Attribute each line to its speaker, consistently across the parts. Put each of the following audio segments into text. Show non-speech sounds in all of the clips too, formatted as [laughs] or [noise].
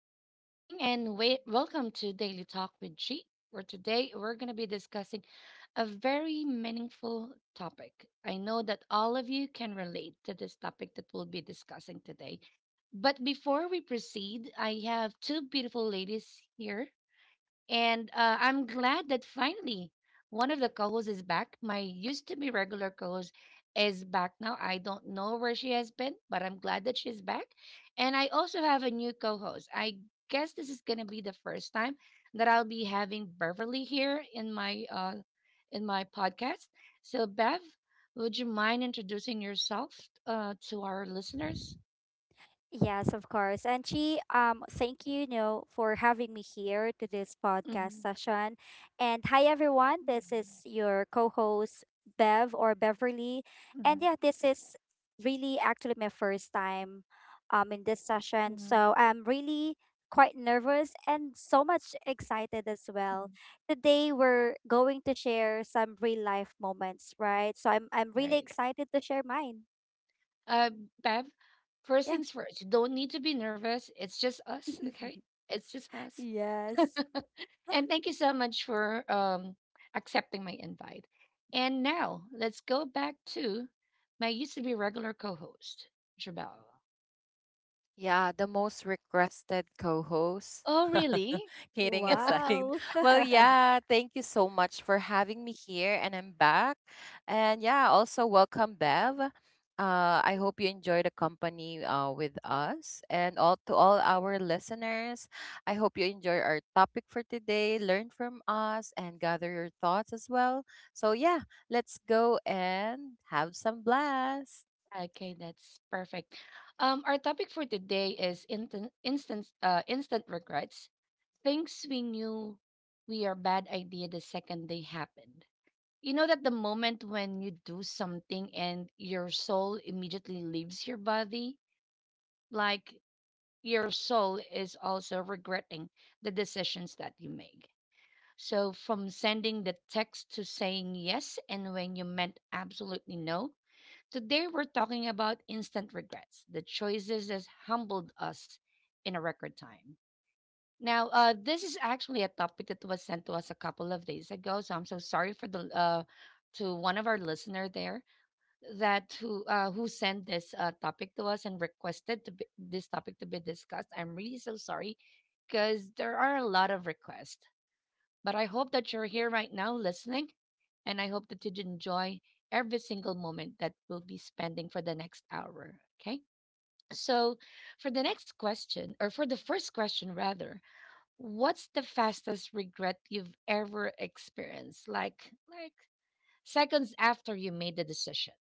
Speaker 1: Good morning, and wait, welcome to Daily Talk with G. Where today we're going to be discussing a very meaningful topic. I know that all of you can relate to this topic that we'll be discussing today. But before we proceed, I have two beautiful ladies here and I'm glad that finally one of the co hosts is back. My used to be regular co host is back now. I don't know where she has been, but I'm glad that she's back. And I also have a new co host. I guess this is going to be the first time that I'll be having Beverly here in my in my podcast. So, Bev, would you mind introducing yourself to our listeners?
Speaker 2: Yes, of course. And she, thank you for having me here to this podcast
Speaker 1: Mm-hmm.
Speaker 2: session. And hi, everyone. This is your co-host Bev or Beverly. And
Speaker 1: Mhm,
Speaker 2: yeah, this is really actually my first time, in this
Speaker 1: mhm,
Speaker 2: session.
Speaker 1: mhm,
Speaker 2: So I'm really quite nervous and so much excited as well.
Speaker 1: mhm.
Speaker 2: Today we're going to share some real life moments, right? So I'm really
Speaker 1: Right.
Speaker 2: excited to share mine.
Speaker 1: Uh, Bev, first
Speaker 2: Yeah.
Speaker 1: things first, you don't need to be nervous. It's just us, okay?
Speaker 2: [laughs]
Speaker 1: It's just us.
Speaker 2: Yes.
Speaker 1: [laughs] And thank you so much for accepting my invite. And now let's go back to my used to be regular co host, Jabal.
Speaker 3: Yeah, the most requested co-host.
Speaker 1: Oh,
Speaker 3: [laughs]
Speaker 1: really?
Speaker 3: Kidding aside.
Speaker 2: Wow.
Speaker 3: Well,
Speaker 2: [laughs]
Speaker 3: yeah, thank you so much for having me here and I'm back. And yeah, also welcome Bev. I hope you enjoy the company with us and all to all our listeners. I hope you enjoy our topic for today, learn from us and gather your thoughts as well. So yeah, let's go and have some blast.
Speaker 1: Okay, that's perfect. Our topic for today is instant regrets, things we knew we are bad idea the second they happen. You know that the moment when you do something and your soul immediately leaves your body, like your soul is also regretting the decisions that you make. So, from sending the text to saying yes and when you meant absolutely no, today we're talking about instant regrets, the choices that humbled us in a record time. Now, this is actually a topic that was sent to us a couple of days ago, so I'm so sorry for the to one of our listener there that who sent this topic to us and requested to be, this topic to be discussed. I'm really so sorry because there are a lot of requests. But I hope that you're here right now listening, and I hope that you enjoy every single moment that we'll be spending for the next hour. Okay. So, for the next question, or for the first question rather, what's the fastest regret you've ever experienced? Like seconds after you made the decision.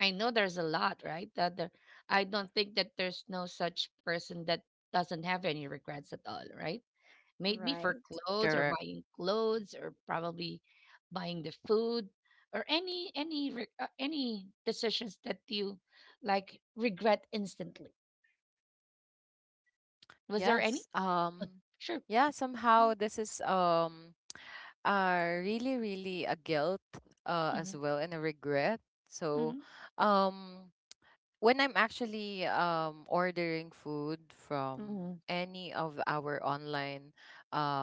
Speaker 1: I know there's a lot, right? I don't think that there's no such person that doesn't have any regrets at all, right? Maybe for
Speaker 2: Right.
Speaker 1: clothes or
Speaker 3: Correct.
Speaker 1: buying clothes or probably buying the food or any decisions that you like regret instantly. Was there any?
Speaker 3: Yes.
Speaker 1: Uh, Sure.
Speaker 3: Yeah,
Speaker 2: Mm.
Speaker 3: somehow this is really really a guilt
Speaker 1: Mm-hmm.
Speaker 3: as well, and a regret. So
Speaker 1: Mm-hmm.
Speaker 3: um when I'm actually ordering food
Speaker 1: Mm-hmm.
Speaker 3: from any of our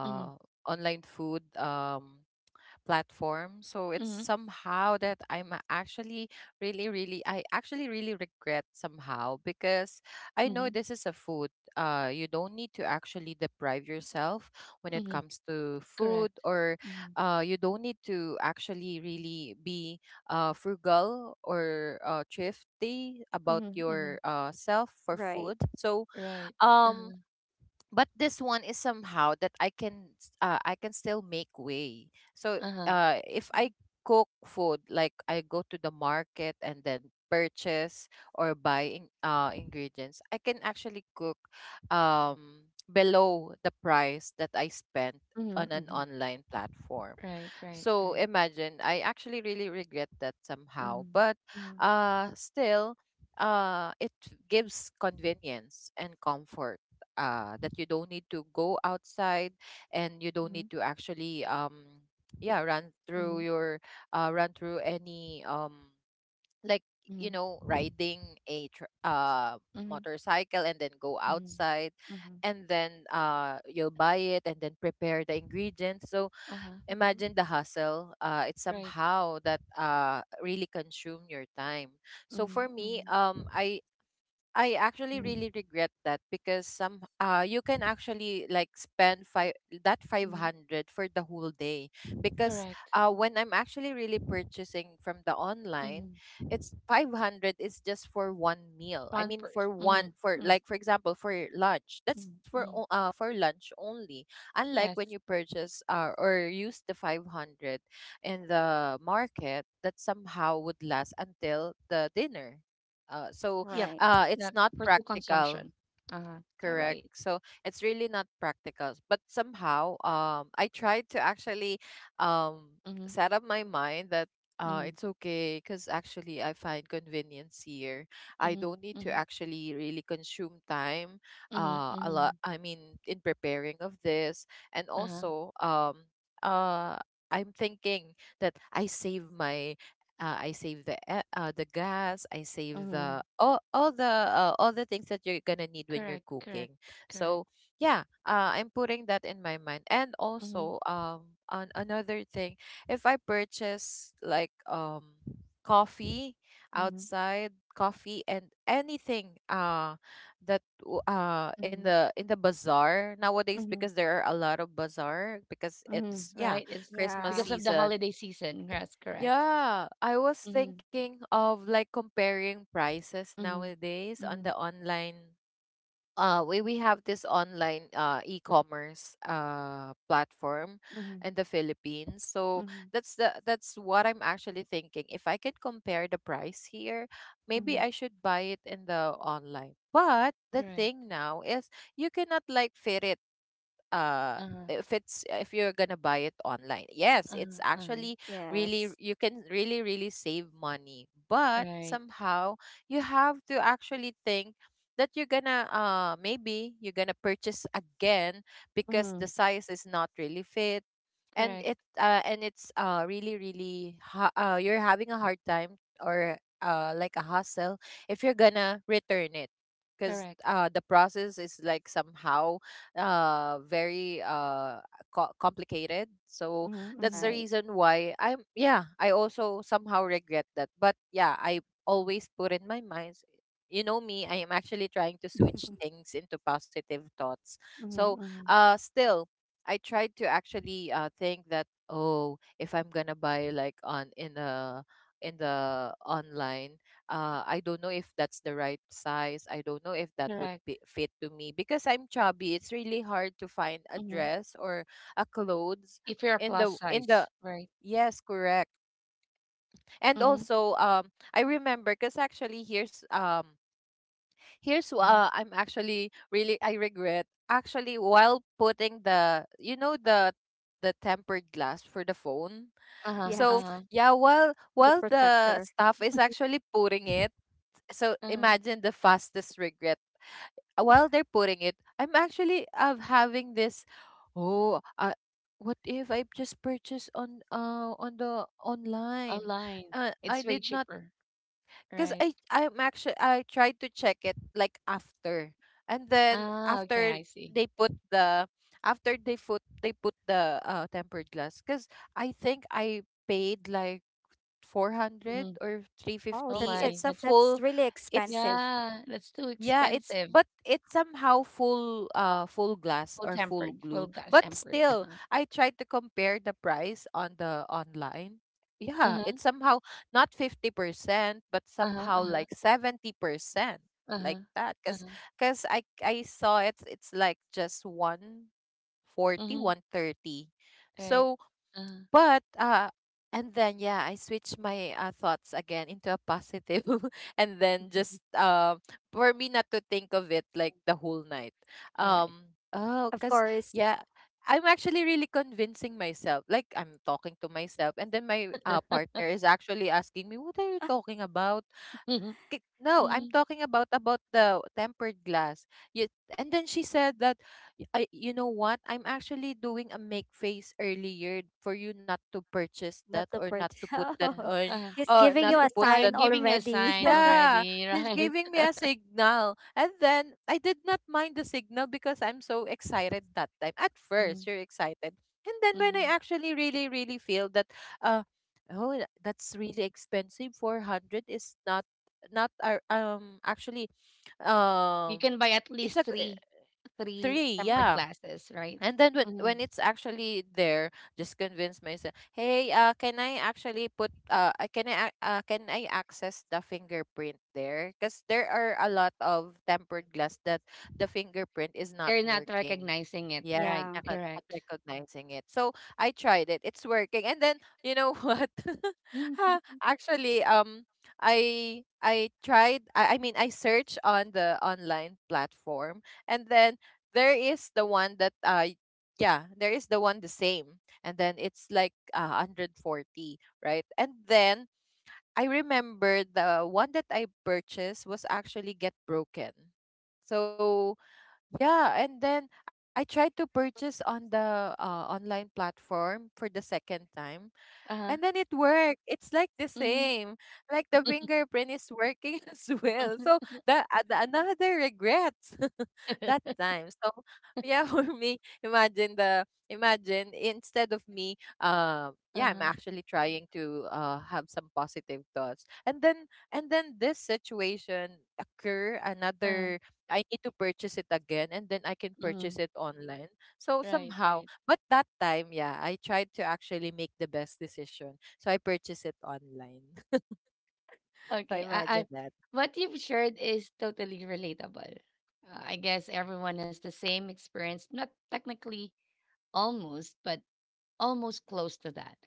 Speaker 1: Mm-hmm.
Speaker 3: online food platform. So it's
Speaker 1: Mm-hmm.
Speaker 3: somehow that I'm actually really, really, I actually really regret somehow because I know
Speaker 1: Mm-hmm.
Speaker 3: this is a food. You don't need to actually deprive yourself when it
Speaker 1: Mm-hmm.
Speaker 3: comes to
Speaker 1: Correct.
Speaker 3: food, or
Speaker 1: Mm-hmm.
Speaker 3: you don't need to actually really be frugal or thrifty about
Speaker 1: Mm-hmm. Mm-hmm.
Speaker 3: your self for
Speaker 2: Right.
Speaker 3: food. So,
Speaker 1: Right. Uh-huh.
Speaker 3: um, but this one is somehow that I can still make way. So
Speaker 1: Uh-huh.
Speaker 3: if I cook food, like I go to the market and then purchase or buy in, ingredients, I can actually cook below the price that I spent on
Speaker 1: Mm-hmm.
Speaker 3: an
Speaker 1: Mm-hmm.
Speaker 3: online platform.
Speaker 1: Right. Right.
Speaker 3: So
Speaker 1: Right.
Speaker 3: imagine, I actually really regret that somehow,
Speaker 1: Mhm,
Speaker 3: but
Speaker 1: mhm,
Speaker 3: still it gives convenience and comfort, that you don't need to go outside, and you don't
Speaker 1: mhm,
Speaker 3: need to actually yeah run
Speaker 1: mhm,
Speaker 3: through your, run through any, like,
Speaker 1: mhm,
Speaker 3: riding a tr- uh
Speaker 1: mhm,
Speaker 3: motorcycle, and then go
Speaker 1: mhm,
Speaker 3: outside
Speaker 1: mhm.
Speaker 3: and then you'll buy it and then prepare the ingredients. So
Speaker 1: Uh-huh.
Speaker 2: Mm-hmm.
Speaker 3: imagine the hustle. Uh it's
Speaker 1: Right.
Speaker 3: somehow that really consume your time. So for
Speaker 1: Mhm,
Speaker 3: me,
Speaker 1: mhm,
Speaker 3: I actually
Speaker 1: mhm,
Speaker 3: really regret that because some you can actually like spend five that
Speaker 1: mhm.
Speaker 3: 500 for the whole day, because
Speaker 1: Correct.
Speaker 3: when I'm actually really purchasing from the online,
Speaker 1: Mhm.
Speaker 3: it's 500 is just for one meal. I
Speaker 1: One
Speaker 3: mean,
Speaker 1: person.
Speaker 3: for one,
Speaker 1: Mhm,
Speaker 3: for
Speaker 1: mhm,
Speaker 3: like, for example, for lunch,
Speaker 1: mhm, mhm.
Speaker 3: for lunch only, unlike when
Speaker 1: Yes.
Speaker 3: you purchase or use the 500 in the market, that somehow would last until the dinner. So
Speaker 1: Yep.
Speaker 2: Right.
Speaker 3: it's
Speaker 1: Yep.
Speaker 3: not
Speaker 1: For two
Speaker 3: practical.
Speaker 1: consumption. Uh-huh. All
Speaker 3: Correct.
Speaker 1: right.
Speaker 3: So it's really not practical, but somehow, I tried to actually um
Speaker 1: Mhm,
Speaker 3: set up my mind that
Speaker 1: mhm,
Speaker 3: it's okay, because actually I find convenience here. I
Speaker 1: mhm,
Speaker 3: don't need to
Speaker 1: mhm,
Speaker 3: actually really consume time
Speaker 1: mhm,
Speaker 3: a
Speaker 1: mhm.
Speaker 3: lot, I mean, in preparing of this. And
Speaker 1: Uh-huh.
Speaker 3: also, uh I'm thinking that I save the the gas, I save the
Speaker 1: Mhm.
Speaker 3: all the things that you're gonna need when you're
Speaker 1: Correct.
Speaker 3: cooking.
Speaker 1: Correct. Correct.
Speaker 3: So yeah, I'm putting that in my mind. And
Speaker 1: Mhm,
Speaker 3: also, on another thing, if I purchase like coffee,
Speaker 1: mhm,
Speaker 3: outside coffee, and anything in
Speaker 1: mhm,
Speaker 3: the bazaar nowadays,
Speaker 1: mhm,
Speaker 3: because there are a lot of bazaar, because
Speaker 1: mhm.
Speaker 3: it's, yeah,
Speaker 1: Right. It's
Speaker 3: Christmas
Speaker 2: Yeah.
Speaker 1: because of the
Speaker 3: season.
Speaker 1: holiday season. Yes. Correct.
Speaker 3: Yeah, I was
Speaker 1: Mhm.
Speaker 3: thinking of like comparing prices
Speaker 1: Mhm.
Speaker 3: nowadays on the
Speaker 1: Mhm.
Speaker 3: online. We have this online e-commerce platform
Speaker 1: Mhm.
Speaker 3: in the Philippines. So
Speaker 1: Mhm.
Speaker 3: that's the that's what I'm actually thinking. If I could compare the price here, maybe
Speaker 1: Mhm.
Speaker 3: I should buy it in the online. But the
Speaker 1: Correct.
Speaker 3: thing now is, you cannot like fit it, uh
Speaker 1: Uh-huh.
Speaker 3: if it's if you're gonna buy it online. Yes, it's
Speaker 1: Uh-huh. Uh-huh.
Speaker 3: actually really,
Speaker 2: Yes.
Speaker 3: you can really really save money, but
Speaker 1: Right.
Speaker 3: somehow you have to actually think that you're gonna maybe you're gonna purchase again, because the
Speaker 1: Mhm.
Speaker 3: size is not really fit. and
Speaker 1: Correct.
Speaker 3: it uh and it's really really you're having a hard time, or like a hassle, if you're gonna return it, because
Speaker 1: Correct.
Speaker 3: the process is like somehow very complicated. So
Speaker 1: Mhm.
Speaker 3: that's the
Speaker 1: Mhm.
Speaker 2: Right.
Speaker 3: reason why I also somehow regret that. But yeah, I always put in my mind, you know me, I am actually trying to
Speaker 1: Mhm.
Speaker 3: switch
Speaker 2: [laughs]
Speaker 3: things into positive thoughts.
Speaker 1: Mhm.
Speaker 3: So
Speaker 1: Mhm.
Speaker 3: still, I tried to actually think that, oh, if I'm gonna buy like on in the online, I don't know if that's the right size. I don't know if that would
Speaker 1: Correct.
Speaker 3: be, fit to me, because I'm chubby. It's really hard to find a
Speaker 1: Mhm.
Speaker 3: dress or a clothes
Speaker 1: If you're a
Speaker 3: in
Speaker 1: plus
Speaker 3: the.
Speaker 1: size, right?
Speaker 3: Yes, correct. And
Speaker 1: Mhm.
Speaker 3: also, I remember, because actually, here's here's
Speaker 1: Mhm.
Speaker 3: I'm actually really, I regret actually while putting the tempered glass for the phone.
Speaker 1: Uh-huh.
Speaker 3: So
Speaker 2: Yes.
Speaker 1: Uh-huh.
Speaker 3: yeah, while
Speaker 2: The
Speaker 3: the
Speaker 2: protector.
Speaker 3: staff is actually putting it, so
Speaker 1: Uh-huh.
Speaker 3: imagine the fastest regret. While they're putting it, I'm actually having this. Oh, what if I just purchased on the online?
Speaker 1: Online.
Speaker 3: I
Speaker 1: It's way
Speaker 3: did not,
Speaker 1: cheaper,
Speaker 3: because
Speaker 1: right?
Speaker 3: I I'm actually I tried to check it like after, and then
Speaker 1: Ah, okay,
Speaker 3: after
Speaker 1: I
Speaker 3: they
Speaker 1: see.
Speaker 3: put the, after they put the tempered glass, because I think I paid like 400
Speaker 1: Mhm.
Speaker 3: or
Speaker 2: Oh,
Speaker 1: Oh
Speaker 3: 350.
Speaker 2: that's like
Speaker 1: my,
Speaker 3: It's a
Speaker 1: that's,
Speaker 2: that's
Speaker 3: full,
Speaker 2: really
Speaker 3: it's,
Speaker 2: expensive.
Speaker 1: yeah, that's too
Speaker 3: yeah, it's,
Speaker 1: expensive.
Speaker 3: but it's somehow full, full glass
Speaker 1: Full
Speaker 3: or full
Speaker 1: tempered,
Speaker 3: glue.
Speaker 1: full glass
Speaker 3: But
Speaker 1: tempered.
Speaker 3: still,
Speaker 1: Uh-huh.
Speaker 3: I tried to compare the price on the online. Yeah,
Speaker 1: Uh-huh.
Speaker 3: it's somehow not 50%, but
Speaker 1: Uh-huh.
Speaker 3: somehow
Speaker 1: Uh-huh.
Speaker 3: like 70%, like
Speaker 1: Uh-huh.
Speaker 3: that, cuz
Speaker 1: Uh-huh.
Speaker 3: cuz I I saw it. It's like just one forty,
Speaker 1: Mhm.
Speaker 3: one thirty.
Speaker 1: Right.
Speaker 3: So
Speaker 1: uh
Speaker 3: but and then, yeah, I switched my thoughts again into a positive [laughs] and then
Speaker 2: [laughs]
Speaker 3: just, for me not to think of it like the whole night.
Speaker 1: Right.
Speaker 3: Um oh
Speaker 2: Of
Speaker 3: cuz
Speaker 2: course,
Speaker 3: Yeah, I'm actually really convincing myself. Like, I'm talking to myself, and then my
Speaker 1: [laughs]
Speaker 3: partner is actually asking me, "What are you talking about?"
Speaker 1: Mhm.
Speaker 3: No, I'm
Speaker 1: Mhm.
Speaker 3: talking about the tempered glass. You, and then she said that, "Y- I You know what? I'm actually doing a make face earlier for you not to purchase
Speaker 2: not
Speaker 3: that,
Speaker 2: the
Speaker 3: or not
Speaker 2: purchase.
Speaker 3: to
Speaker 2: [laughs]
Speaker 3: put that
Speaker 1: Yeah.
Speaker 2: Oh,
Speaker 3: on,
Speaker 1: uh
Speaker 2: he's giving
Speaker 1: She's
Speaker 3: not
Speaker 2: you
Speaker 3: to
Speaker 2: a
Speaker 3: put that
Speaker 2: sign
Speaker 1: giving a
Speaker 2: already.
Speaker 1: sign
Speaker 2: [laughs]
Speaker 3: yeah,
Speaker 1: already,
Speaker 3: he's
Speaker 1: right?
Speaker 3: giving me a
Speaker 1: [laughs]
Speaker 3: signal." And then I did not mind the signal, because I'm so excited that time. At
Speaker 1: Mhm.
Speaker 3: first, you're excited. And then when I
Speaker 1: Mhm.
Speaker 3: actually really, really feel that, uh, oh, that's really expensive. 400 is not, not, our, actually,
Speaker 1: You
Speaker 3: um,
Speaker 1: can buy at
Speaker 3: it's a
Speaker 1: least
Speaker 3: g-
Speaker 1: three
Speaker 3: three,
Speaker 1: tempered
Speaker 3: yeah.
Speaker 1: glasses, right?
Speaker 3: And then when
Speaker 1: hmm
Speaker 3: when it's actually there, just convince myself, "Hey, can I actually put can I ac- can I access the fingerprint there?" Because there are a lot of tempered glass that the fingerprint is not
Speaker 1: They're not
Speaker 3: working.
Speaker 1: recognizing it,
Speaker 3: Yeah,
Speaker 1: right?
Speaker 2: Yeah,
Speaker 3: not, not
Speaker 1: Correct.
Speaker 3: recognizing it. So I tried it. It's working. And then you know [laughs] what? [laughs] Ha,
Speaker 1: Mhm.
Speaker 3: actually, I tried. I mean, I searched on the online platform, and then there is the one that yeah, there is the one, the same, and then it's like 140, right? And then I remember, the one that I purchased was actually get broken. So yeah, and then I tried to purchase on the online platform for the second time, and
Speaker 1: Uh-huh.
Speaker 3: then it worked. It's like the
Speaker 1: Mm-hmm.
Speaker 3: same. Like, the fingerprint is working [laughs] as well.
Speaker 1: [laughs]
Speaker 3: So the another regret [laughs] that time. So yeah, [laughs] for me, imagine the imagine instead of me, I'm
Speaker 1: Uh-huh.
Speaker 3: actually trying to have some positive thoughts. And then, this situation occur
Speaker 1: Uh-huh.
Speaker 3: another, I need to purchase it again, and then I can
Speaker 1: Mm-hmm.
Speaker 3: purchase it online. So
Speaker 1: Right,
Speaker 3: somehow,
Speaker 1: right.
Speaker 3: but that time, yeah, I tried to actually make the best decision. So I purchased it online. [laughs] So
Speaker 1: Okay.
Speaker 3: imagine that.
Speaker 1: What you've shared is totally relatable. I guess everyone has the same experience, not technically almost, but almost close to that.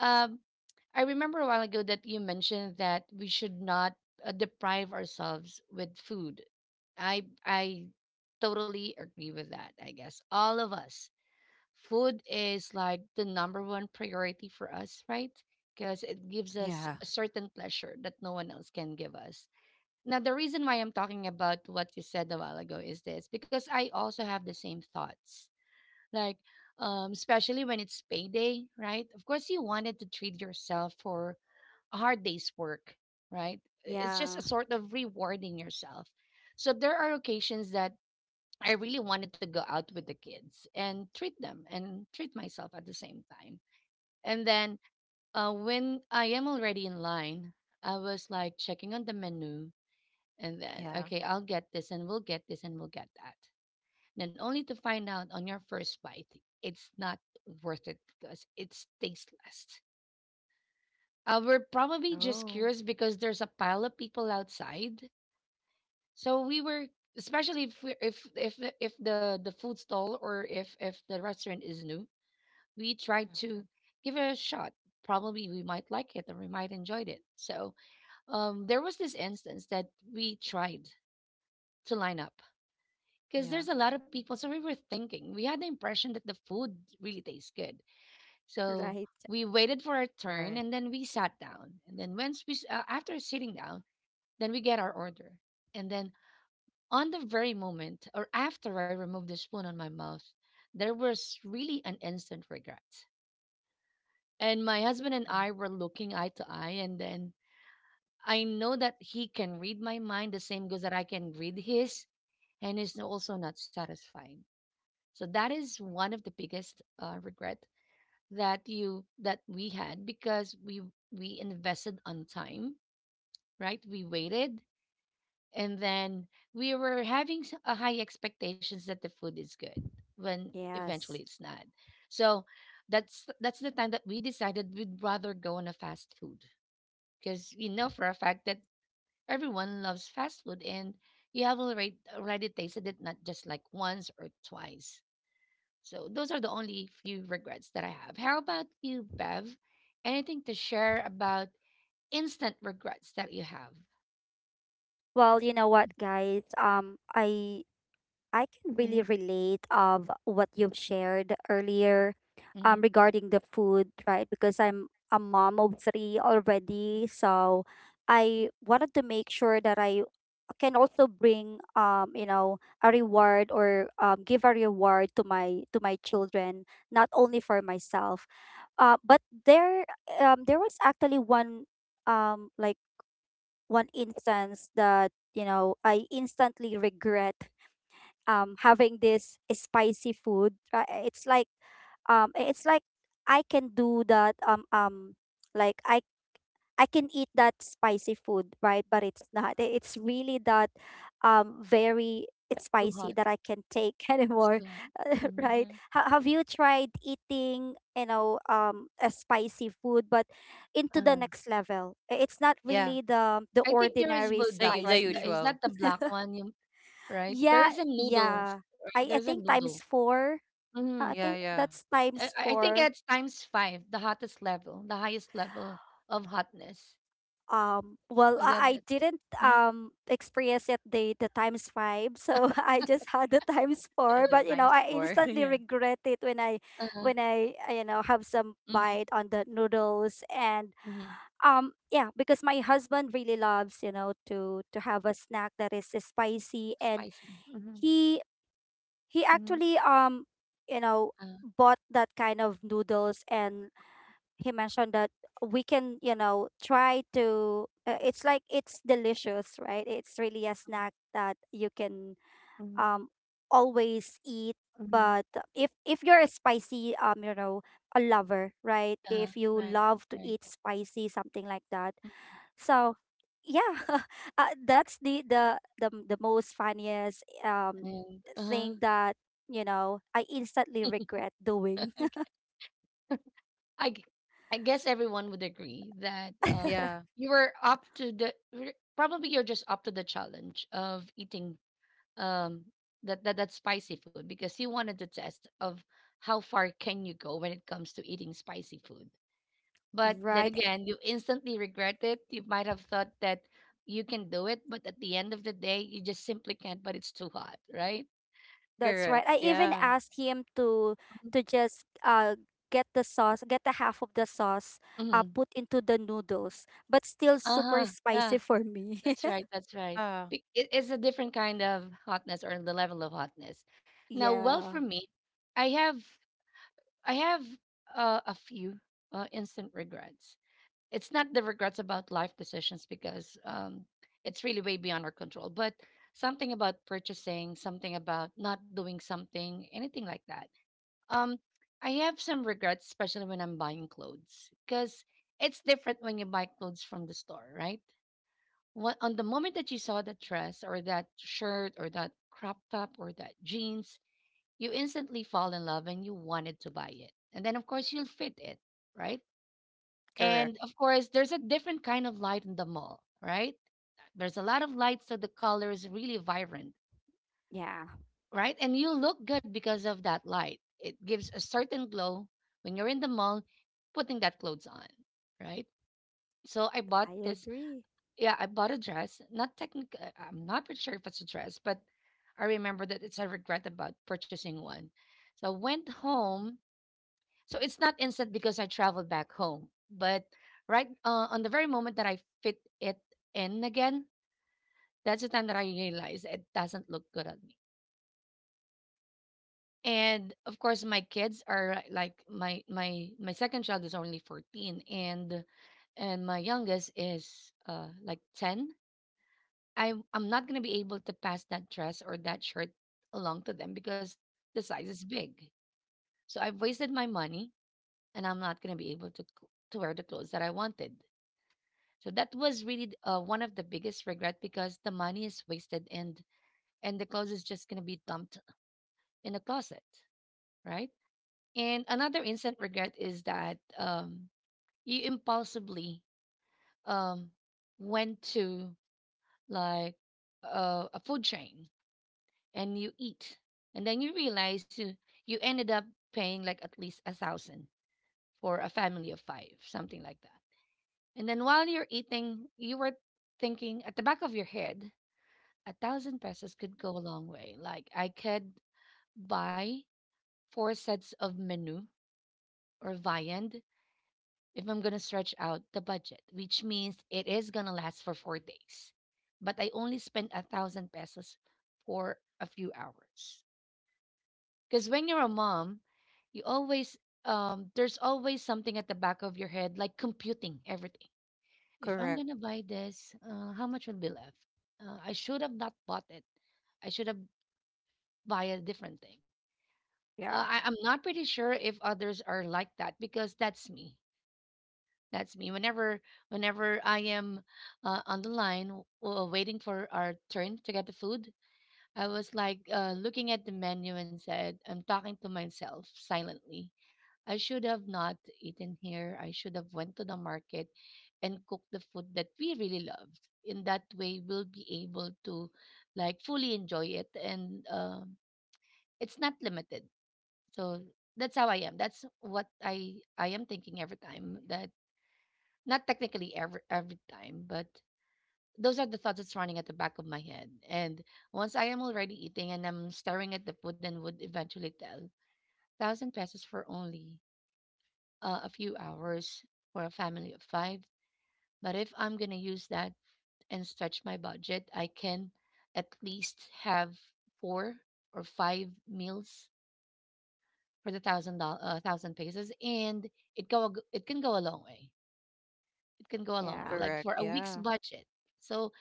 Speaker 1: Um, I remember a while ago that you mentioned that we should not deprive ourselves with food. I totally agree with that. I guess all of us, food is like the number one priority for us, right? Because it gives us
Speaker 3: Yeah.
Speaker 1: a certain pleasure that no one else can give us. Now, the reason why I'm talking about what you said a while ago is this because I also have the same thoughts. Like, especially when it's payday, right? Of course, you wanted to treat yourself for a hard day's work, right? It's just
Speaker 2: yeah,
Speaker 1: a sort of rewarding yourself. So there are occasions that I really wanted to go out with the kids and treat them and treat myself at the same time. And then when I am already in line, I was like checking on the menu and then,
Speaker 3: Yeah.
Speaker 1: okay, I'll get this and we'll get this and we'll get that. Then only to find out on your first bite, it's not worth it because it's tasteless. We're probably just
Speaker 3: Oh.
Speaker 1: curious because there's a pile of people outside. So we were, especially if we if the the food stall or if the restaurant is new, we tried to
Speaker 3: Mm-hmm.
Speaker 1: give it a shot. Probably we might like it or we might enjoy it. So there was this instance that we tried to line up because there's a
Speaker 3: Yeah.
Speaker 1: lot of people. So we were thinking, we had the impression that the food really tastes good. So
Speaker 2: right.
Speaker 1: we waited for our turn
Speaker 3: Right.
Speaker 1: and then we sat down. And then once after sitting down, then we get our order. And then on the very moment, or after I removed the spoon on my mouth, there was really an instant regret. And my husband and
Speaker 3: Mm-hmm.
Speaker 1: I were looking eye to eye. And then I know that he can read my mind the same goes that I can read his. And it's also not satisfying. So that is one of the biggest regret that we had because we invested on time, right? We waited and then we were having a high expectations that the food is good when eventually
Speaker 2: Yes.
Speaker 1: it's not. So that's the time that we decided we'd rather go on a fast food because we know for a fact that everyone loves fast food and you have already tasted it not just like once or twice. So those are the only few regrets that I have. How about you, Bev? Anything to share about instant regrets that you have?
Speaker 2: Well, you know what, guys? I can
Speaker 1: Mm-hmm,
Speaker 2: really relate of what you've shared earlier
Speaker 1: hmm.
Speaker 2: regarding the food, right? Because I'm a mom of three already, so I wanted to make sure that I can also bring a reward or give a reward to my children, not only for myself. But there there was actually one um like one instance that I instantly regret having this spicy food, right? It's like, it's like i can do that um um like i I can eat that spicy food, right? But it's not, it's really that very
Speaker 1: Too
Speaker 2: spicy
Speaker 1: hot.
Speaker 2: that I can take [laughs]
Speaker 1: It's too
Speaker 2: anymore.
Speaker 1: hot.
Speaker 2: [laughs]
Speaker 1: Hmm.
Speaker 2: Right,
Speaker 3: Mm-hmm.
Speaker 2: have you tried eating, a spicy food but into the
Speaker 1: Uh-huh.
Speaker 2: next level? It's not
Speaker 3: Yeah.
Speaker 2: really the
Speaker 1: I think there is
Speaker 2: ordinary
Speaker 3: The
Speaker 1: bulldog,
Speaker 3: u-
Speaker 1: right?
Speaker 3: the
Speaker 2: spicy.
Speaker 1: Is that
Speaker 3: usual.
Speaker 1: the black one? Right? There
Speaker 2: Yeah,
Speaker 1: is a noodles,
Speaker 2: yeah, i
Speaker 1: right?
Speaker 2: i
Speaker 1: There's a
Speaker 2: think
Speaker 1: noodle.
Speaker 2: times four. Uh, I
Speaker 1: Mm-hmm.
Speaker 3: Yeah,
Speaker 2: think
Speaker 3: yeah.
Speaker 2: that's
Speaker 1: I,
Speaker 2: times
Speaker 1: I I think
Speaker 2: four.
Speaker 1: it's times five, the hottest level, the highest level of hotness.
Speaker 2: Well,
Speaker 1: Oh, yeah,
Speaker 2: I
Speaker 1: that's it.
Speaker 2: didn't
Speaker 1: Mm-hmm.
Speaker 2: experience it the times five, so [laughs] I just had the times
Speaker 3: And
Speaker 2: four.
Speaker 3: of
Speaker 2: But you know,
Speaker 3: times
Speaker 2: I
Speaker 3: four. [laughs]
Speaker 2: instantly
Speaker 3: Yeah.
Speaker 2: regret it
Speaker 1: Uh-huh.
Speaker 2: when I, have some
Speaker 1: Mm-hmm.
Speaker 2: bite on the noodles and
Speaker 1: Mm-hmm.
Speaker 2: yeah, because my husband really loves, you know, to have a snack that is spicy, and
Speaker 1: Spicy. Mm-hmm.
Speaker 2: he he
Speaker 1: Mm-hmm.
Speaker 2: actually you know
Speaker 1: Uh-huh.
Speaker 2: bought that kind of noodles and he mentioned that we can, you know, try to, it's like it's delicious, right? It's really a snack that you can
Speaker 1: Mhm,
Speaker 2: um always eat,
Speaker 1: mhm.
Speaker 2: but if you're a spicy, a lover, right?
Speaker 1: Uh-huh.
Speaker 2: If you
Speaker 1: Right.
Speaker 2: love to
Speaker 1: Right.
Speaker 2: eat spicy, something like that. So yeah, [laughs] that's the, the most funniest
Speaker 1: And uh-huh.
Speaker 2: thing that, you know, I instantly regret
Speaker 1: [laughs]
Speaker 2: doing.
Speaker 1: Okay. I g- I guess everyone would agree that
Speaker 3: Yeah,
Speaker 2: [laughs]
Speaker 1: you were up to the probably you're just up to the challenge of eating um that spicy food because you wanted to test of how far can you go when it comes to eating spicy food. But then
Speaker 2: Right.
Speaker 1: again, you instantly regret it. You might have thought that you can do it, but at the end of the day, you just simply can't. But it's too hot, right?
Speaker 2: That's
Speaker 3: correct.
Speaker 2: right. I even
Speaker 3: Yeah.
Speaker 2: asked him to just get the sauce, get the half of the sauce, uh,
Speaker 1: Mhm.
Speaker 2: put into the noodles, but still super
Speaker 1: Uh-huh. Yeah,
Speaker 2: spicy for me.
Speaker 1: that's right.
Speaker 2: [laughs]
Speaker 1: That's right.
Speaker 3: Ah,
Speaker 1: It's a different kind of hotness or the level of hotness. Now, well, for
Speaker 2: Yeah.
Speaker 1: me, I have I have a few instant regrets. It's not the regrets about life decisions because it's really way beyond our control, but something about purchasing, something about not doing something, anything like that. Um, I have some regrets, especially when I'm buying clothes, because it's different when you buy clothes from the store, right? What on the moment that you saw that dress or that shirt or that crop top or that jeans, you instantly fall in love and you wanted to buy it. And then of course you'll fit it, right?
Speaker 3: correct.
Speaker 1: And of course there's a different kind of light in the mall, right? There's a lot of light so the color is really vibrant,
Speaker 2: Yeah.
Speaker 1: right? And you look good because of that light. It gives a certain glow when you're in the mall putting that clothes on, right? So I bought
Speaker 2: I
Speaker 1: this
Speaker 2: agree.
Speaker 1: Yeah, I bought a dress. Not technic. I'm not pretty sure if it's a dress, but I remember that it's a regret about purchasing one. So I went home. So it's not instant because I traveled back home, but right, on the very moment that I fit it in again, that's the time that I realized it doesn't look good on me. And of course, my kids are like, my second child is only 14, and my youngest is like 10. I'm not gonna be able to pass that dress or that shirt along to them because the size is big. So I've wasted my money, and I'm not gonna be able to to wear the clothes that I wanted. So that was really one of the biggest regret because the money is wasted and the clothes is just gonna be dumped in a closet, right? And another instant regret is that you impulsively um, went to like a food chain and you eat. And then you realize you ended up paying like at least 1,000 for a family of five, something like that. And then while you're eating, you were thinking at the back of your head, 1,000 pesos could go a long way. Like I could buy four sets of menu or viand if I'm gonna stretch out the budget, which means it is gonna last for 4 days. But I only spent 1,000 pesos for a few hours. Because when you're a mom, you always there's always something at the back of your head like computing everything. If I'm
Speaker 3: Correct.
Speaker 1: gonna buy this, how much will be left? I should have not bought it. I should have buy a different thing.
Speaker 2: Yeah.
Speaker 1: I'm not pretty sure if others are like that because that's me. That's me. Whenever I am on the line waiting for our turn to get the food, I was like looking at the menu and said, I'm talking to myself silently, I should have not eaten here. I should have went to the market and cooked the food that we really loved. In that way, we'll be able to like fully enjoy it, and it's not limited. So that's how I am. That's what I am thinking every time. That not technically every time, but those are the thoughts that's running at the back of my head. And once I am already eating and I'm staring at the food and would eventually tell 1,000 pesos for only a few hours for a family of five. But if I'm going to use that and stretch my budget, I can at least have four or five meals for the $1,000, 1,000 pesos, and it go it can go a long way. It can go a long way,
Speaker 2: Yeah.
Speaker 1: like
Speaker 3: Correct.
Speaker 1: for a week's
Speaker 3: Yeah.
Speaker 1: budget. So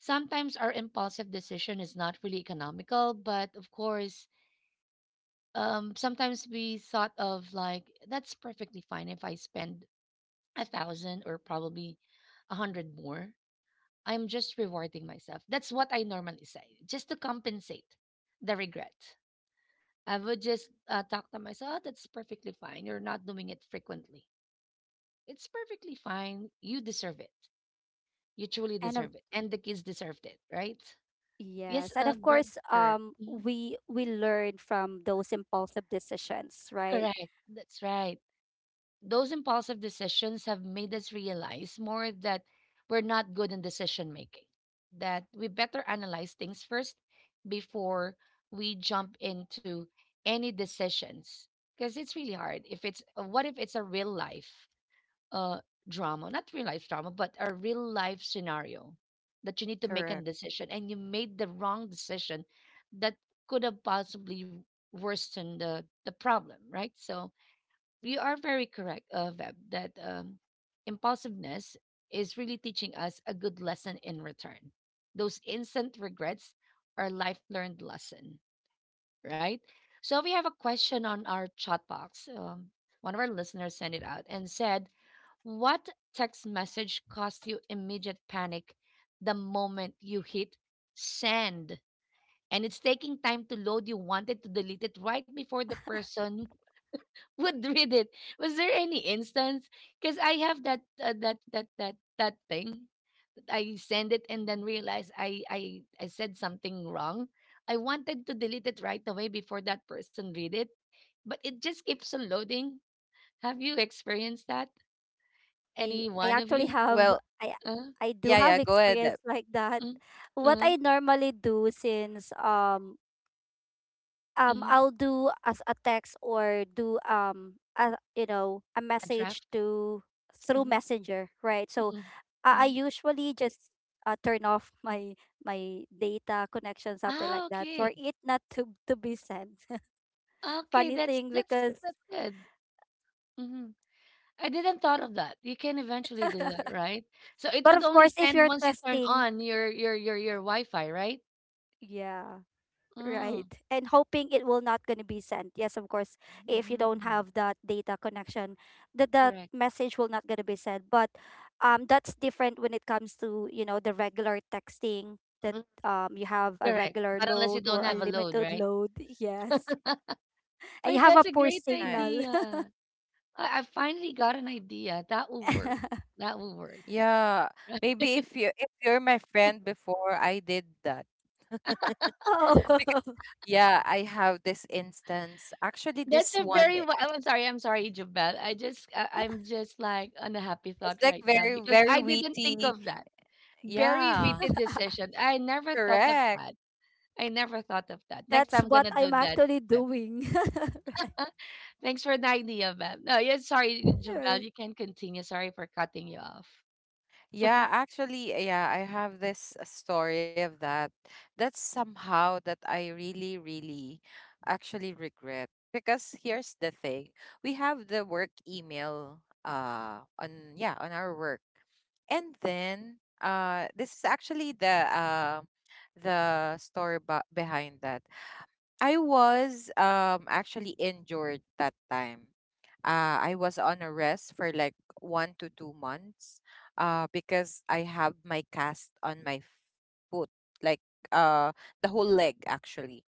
Speaker 1: sometimes our impulsive decision is not really economical, but of course, sometimes we thought of like that's perfectly fine if I spend 1,000 or probably 100 more, I'm just rewarding myself. That's what I normally say, just to compensate the regret. I would just talk to myself, "Oh, that's perfectly fine. You're not doing it frequently. It's perfectly fine. You deserve it. You truly
Speaker 2: And of,
Speaker 1: deserve it. And the kids deserved it, right?" Yes,
Speaker 2: yes, and of
Speaker 1: but,
Speaker 2: course,
Speaker 3: Correct.
Speaker 1: mhm,
Speaker 2: we learn from those impulsive decisions, right?
Speaker 1: correct. That's right. Those impulsive decisions have made us realize more that we're not good in decision making, that we better analyze things first before we jump into any decisions. Because it's really hard. If it's what if it's a real life uh, drama, not real life drama, but a real life scenario that you need to make a
Speaker 3: Correct.
Speaker 1: decision and you made the wrong decision that could have possibly worsened the problem, right? So you are very correct, Veb, that impulsiveness is really teaching us a good lesson in return. Those instant regrets are life learned lesson, right? So we have a question on our chat box. One of our listeners sent it out and said, "What text message caused you immediate panic the moment you hit send?" And it's taking time to load. You wanted to delete it right before the person [laughs] would read it. Was there any instance? Because I have that that thing. I send it and then realize I said something wrong. I wanted to delete it right away before that person read it, but it just keeps on loading. Have you experienced that? Any
Speaker 2: I
Speaker 1: one of
Speaker 2: actually
Speaker 1: you?
Speaker 2: have,
Speaker 3: Well,
Speaker 2: I
Speaker 1: Uh,
Speaker 2: I do
Speaker 3: yeah, yeah,
Speaker 2: have
Speaker 3: go ahead, Deb.
Speaker 2: experience like that.
Speaker 1: mm.
Speaker 2: What
Speaker 1: Mm.
Speaker 2: I normally do, since
Speaker 1: Mm-hmm.
Speaker 2: I'll do as a text or do a, you know, a
Speaker 1: A
Speaker 2: message
Speaker 1: draft.
Speaker 2: to through
Speaker 1: Mm,
Speaker 2: messenger, right? So
Speaker 1: mm,
Speaker 2: I
Speaker 1: mm.
Speaker 2: usually just, turn off my my data connection, something like
Speaker 1: Ah,
Speaker 2: that,
Speaker 1: okay,
Speaker 2: for it not to to be sent. [laughs]
Speaker 1: okay.
Speaker 2: Funny
Speaker 1: That's
Speaker 2: thing
Speaker 1: that's
Speaker 2: because,
Speaker 1: that's good. Mm-hmm. I didn't thought of that. You can eventually do that, right? So it
Speaker 2: but
Speaker 1: would
Speaker 2: of
Speaker 1: only
Speaker 2: course if
Speaker 1: send
Speaker 2: you're
Speaker 1: once you turn
Speaker 2: testing,
Speaker 1: on your Wi-Fi, right?
Speaker 2: yeah, right?
Speaker 1: Mm.
Speaker 2: And hoping it will not gonna be sent. Yes, of course, if you don't
Speaker 1: Mm.
Speaker 2: have that data connection, that that
Speaker 1: Correct.
Speaker 2: message will not gonna be sent. But that's different when it comes to, you know, the regular texting that
Speaker 1: Mm,
Speaker 2: you have a
Speaker 1: correct.
Speaker 2: regular
Speaker 1: Not unless you
Speaker 2: load
Speaker 1: don't
Speaker 2: or a
Speaker 1: have a load,
Speaker 2: limited
Speaker 1: right?
Speaker 2: load. [laughs] Yes,
Speaker 1: Oh,
Speaker 2: and you have
Speaker 1: that's
Speaker 2: a
Speaker 1: a
Speaker 2: poor
Speaker 1: great
Speaker 3: Uh,
Speaker 2: signal.
Speaker 1: idea. I finally got an idea. That will
Speaker 2: [laughs]
Speaker 1: work. That will work.
Speaker 3: yeah. Maybe if
Speaker 1: [laughs]
Speaker 3: you if you're my friend before, I did that. [laughs]
Speaker 2: Oh,
Speaker 3: Because
Speaker 2: [laughs]
Speaker 3: yeah, I have this instance. Actually,
Speaker 1: That's a
Speaker 3: this
Speaker 1: very.
Speaker 3: one,
Speaker 1: Wi- Oh, I'm sorry. I'm sorry, Jubel. I'm just like on a happy
Speaker 3: it's
Speaker 1: thought
Speaker 3: like
Speaker 1: right now
Speaker 3: very
Speaker 1: because
Speaker 3: very
Speaker 1: I didn't think
Speaker 3: witty.
Speaker 1: of that. Very
Speaker 3: Yeah,
Speaker 1: witty decision. I never thought of
Speaker 3: correct.
Speaker 1: that. I never thought of that. Next
Speaker 2: that's
Speaker 1: time I'm
Speaker 2: what
Speaker 1: gonna do
Speaker 2: I'm
Speaker 1: that,
Speaker 2: actually
Speaker 1: Beb.
Speaker 2: doing. [laughs]
Speaker 1: Thanks for the idea, Beb. No, yeah, sorry, Jabel.
Speaker 2: Sure.
Speaker 1: You can continue. Sorry for cutting you off.
Speaker 3: Yeah, actually, yeah, I have this story of that. That's somehow that I really really actually regret, because here's the thing. We have the work email on our work. And then this is actually the story behind that. I was actually injured that time. I was on a rest for like 1 to 2 months, because I have my cast on my foot, like uh the whole leg actually.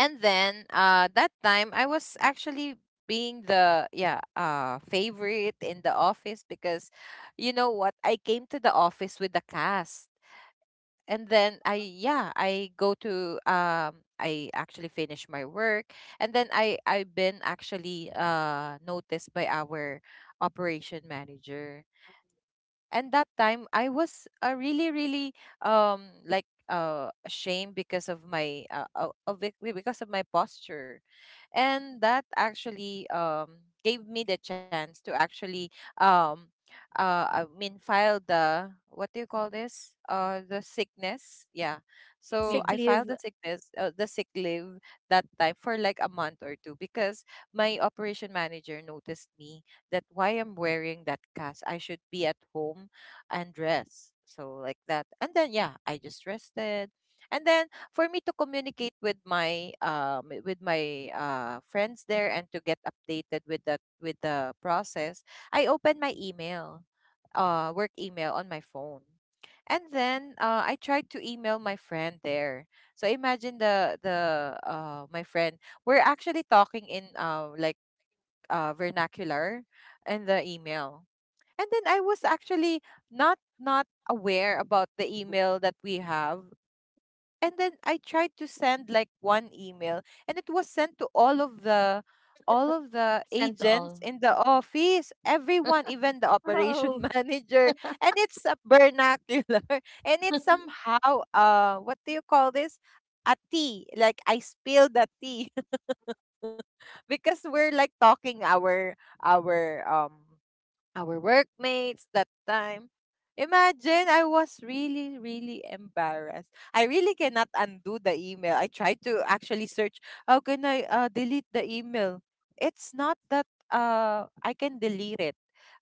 Speaker 3: And then that time I was actually being the yeah, favorite in the office because you know what, I came to the office with the cast, and then I yeah I go to I actually finish my work, and then I've been actually noticed by our operation manager. And that time I was, really really ashamed because of my because of my posture. And that actually gave me the chance to actually um I mean, file the, what do you call this, the sickness, yeah,
Speaker 1: Sick
Speaker 3: so
Speaker 2: Sick
Speaker 1: leave
Speaker 3: I filed
Speaker 2: leave.
Speaker 3: the sickness, the sick leave that time for like a month or two, because my operation manager noticed me that why I'm wearing that cast, I should be at home and rest. So like that. And then yeah, I just rested. And then for me to communicate with my friends there and to get updated with that, with the process, I opened my email, work email on my phone. And then I tried to email my friend there. So imagine the my friend. We're actually talking in vernacular in the email, and then I was actually not aware about the email that we have. And then I tried to send like one email, and it was sent to all of the
Speaker 1: sent to
Speaker 3: agents
Speaker 1: all.
Speaker 3: in the office, everyone, even the
Speaker 2: Oh.
Speaker 3: operation [laughs] manager. And it's a vernacular. [laughs] And it's somehow, what do you call this? A tea. Like I spilled a tea. [laughs] Because we're like talking our our um workmates that time. Imagine, I was really, really embarrassed. I really cannot undo the email. I tried to actually search how can I, delete the email. It's not that I can delete it.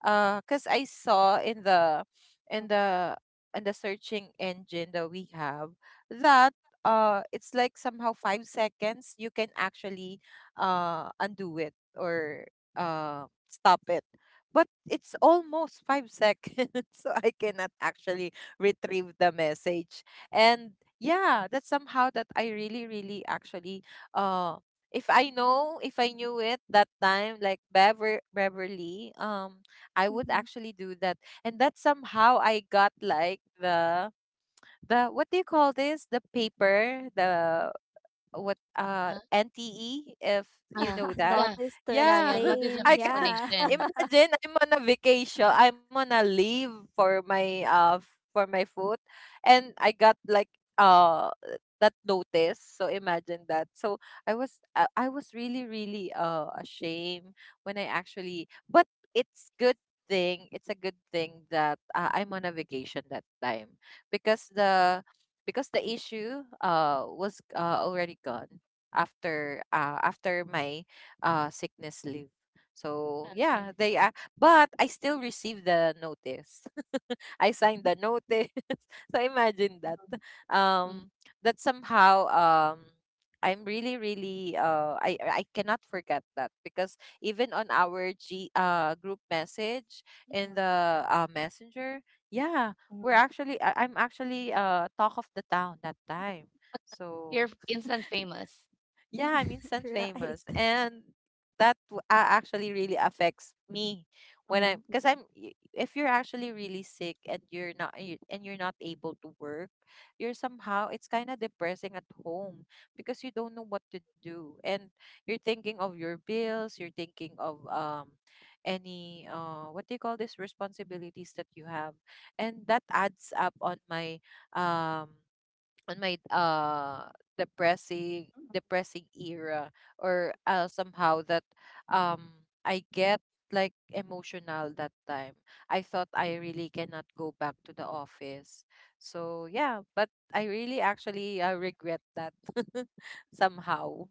Speaker 3: Cause I saw in the in the searching engine that we have that it's like somehow 5 seconds, you can actually undo it or stop it, but it's almost 5 [laughs] seconds, so I cannot actually retrieve the message. And yeah, that's somehow that I really, really actually uh if I know, if I knew it that time, like Beverly, I would
Speaker 2: Mhm.
Speaker 3: actually do that. And that somehow I got like the what do you call this? The paper, the what,
Speaker 1: Uh,
Speaker 3: NTE, if you
Speaker 1: uh,
Speaker 3: know
Speaker 2: [laughs]
Speaker 3: that.
Speaker 1: yeah,
Speaker 2: Notice to
Speaker 1: yeah,
Speaker 3: Yeah.
Speaker 1: yeah. Notice
Speaker 3: [laughs]
Speaker 1: of
Speaker 2: explain.
Speaker 3: I can
Speaker 2: Yeah.
Speaker 3: [laughs]
Speaker 1: explanation.
Speaker 3: imagine I'm on a vacation. I'm on a leave for my for my foot, and I got like uh that notice. So imagine that. So I was really really ashamed when I actually, but it's good thing, it's a good thing that, I'm on a vacation that time, because the, because the issue was, already gone after, after my sickness leave, so yeah,
Speaker 1: Okay.
Speaker 3: they, but I still received the notice. [laughs] I signed the notice. [laughs] So imagine that.
Speaker 1: Mhm, mhm,
Speaker 3: Um,
Speaker 2: [laughs]
Speaker 3: that somehow, I'm really, really, I cannot forget that, because even on our G group message in
Speaker 1: mhm,
Speaker 3: the, messenger, yeah, we're
Speaker 1: mhm.
Speaker 3: actually I'm actually talk of the town that time. So
Speaker 1: You're instant famous.
Speaker 3: yeah, I'm instant
Speaker 2: Right.
Speaker 3: famous, and that actually really affects me when I'm because I'm. Y- If you're actually really sick and you're not able to work, you're somehow, it's kind of depressing at home, because you don't know what to do, and you're thinking of your bills. You're thinking of, any what do you call this, responsibilities that you have, and that adds up um on my depressing era, or somehow that, I get like emotional that time. I thought I really cannot go back to the office. So yeah, but I really actually, regret that [laughs] somehow.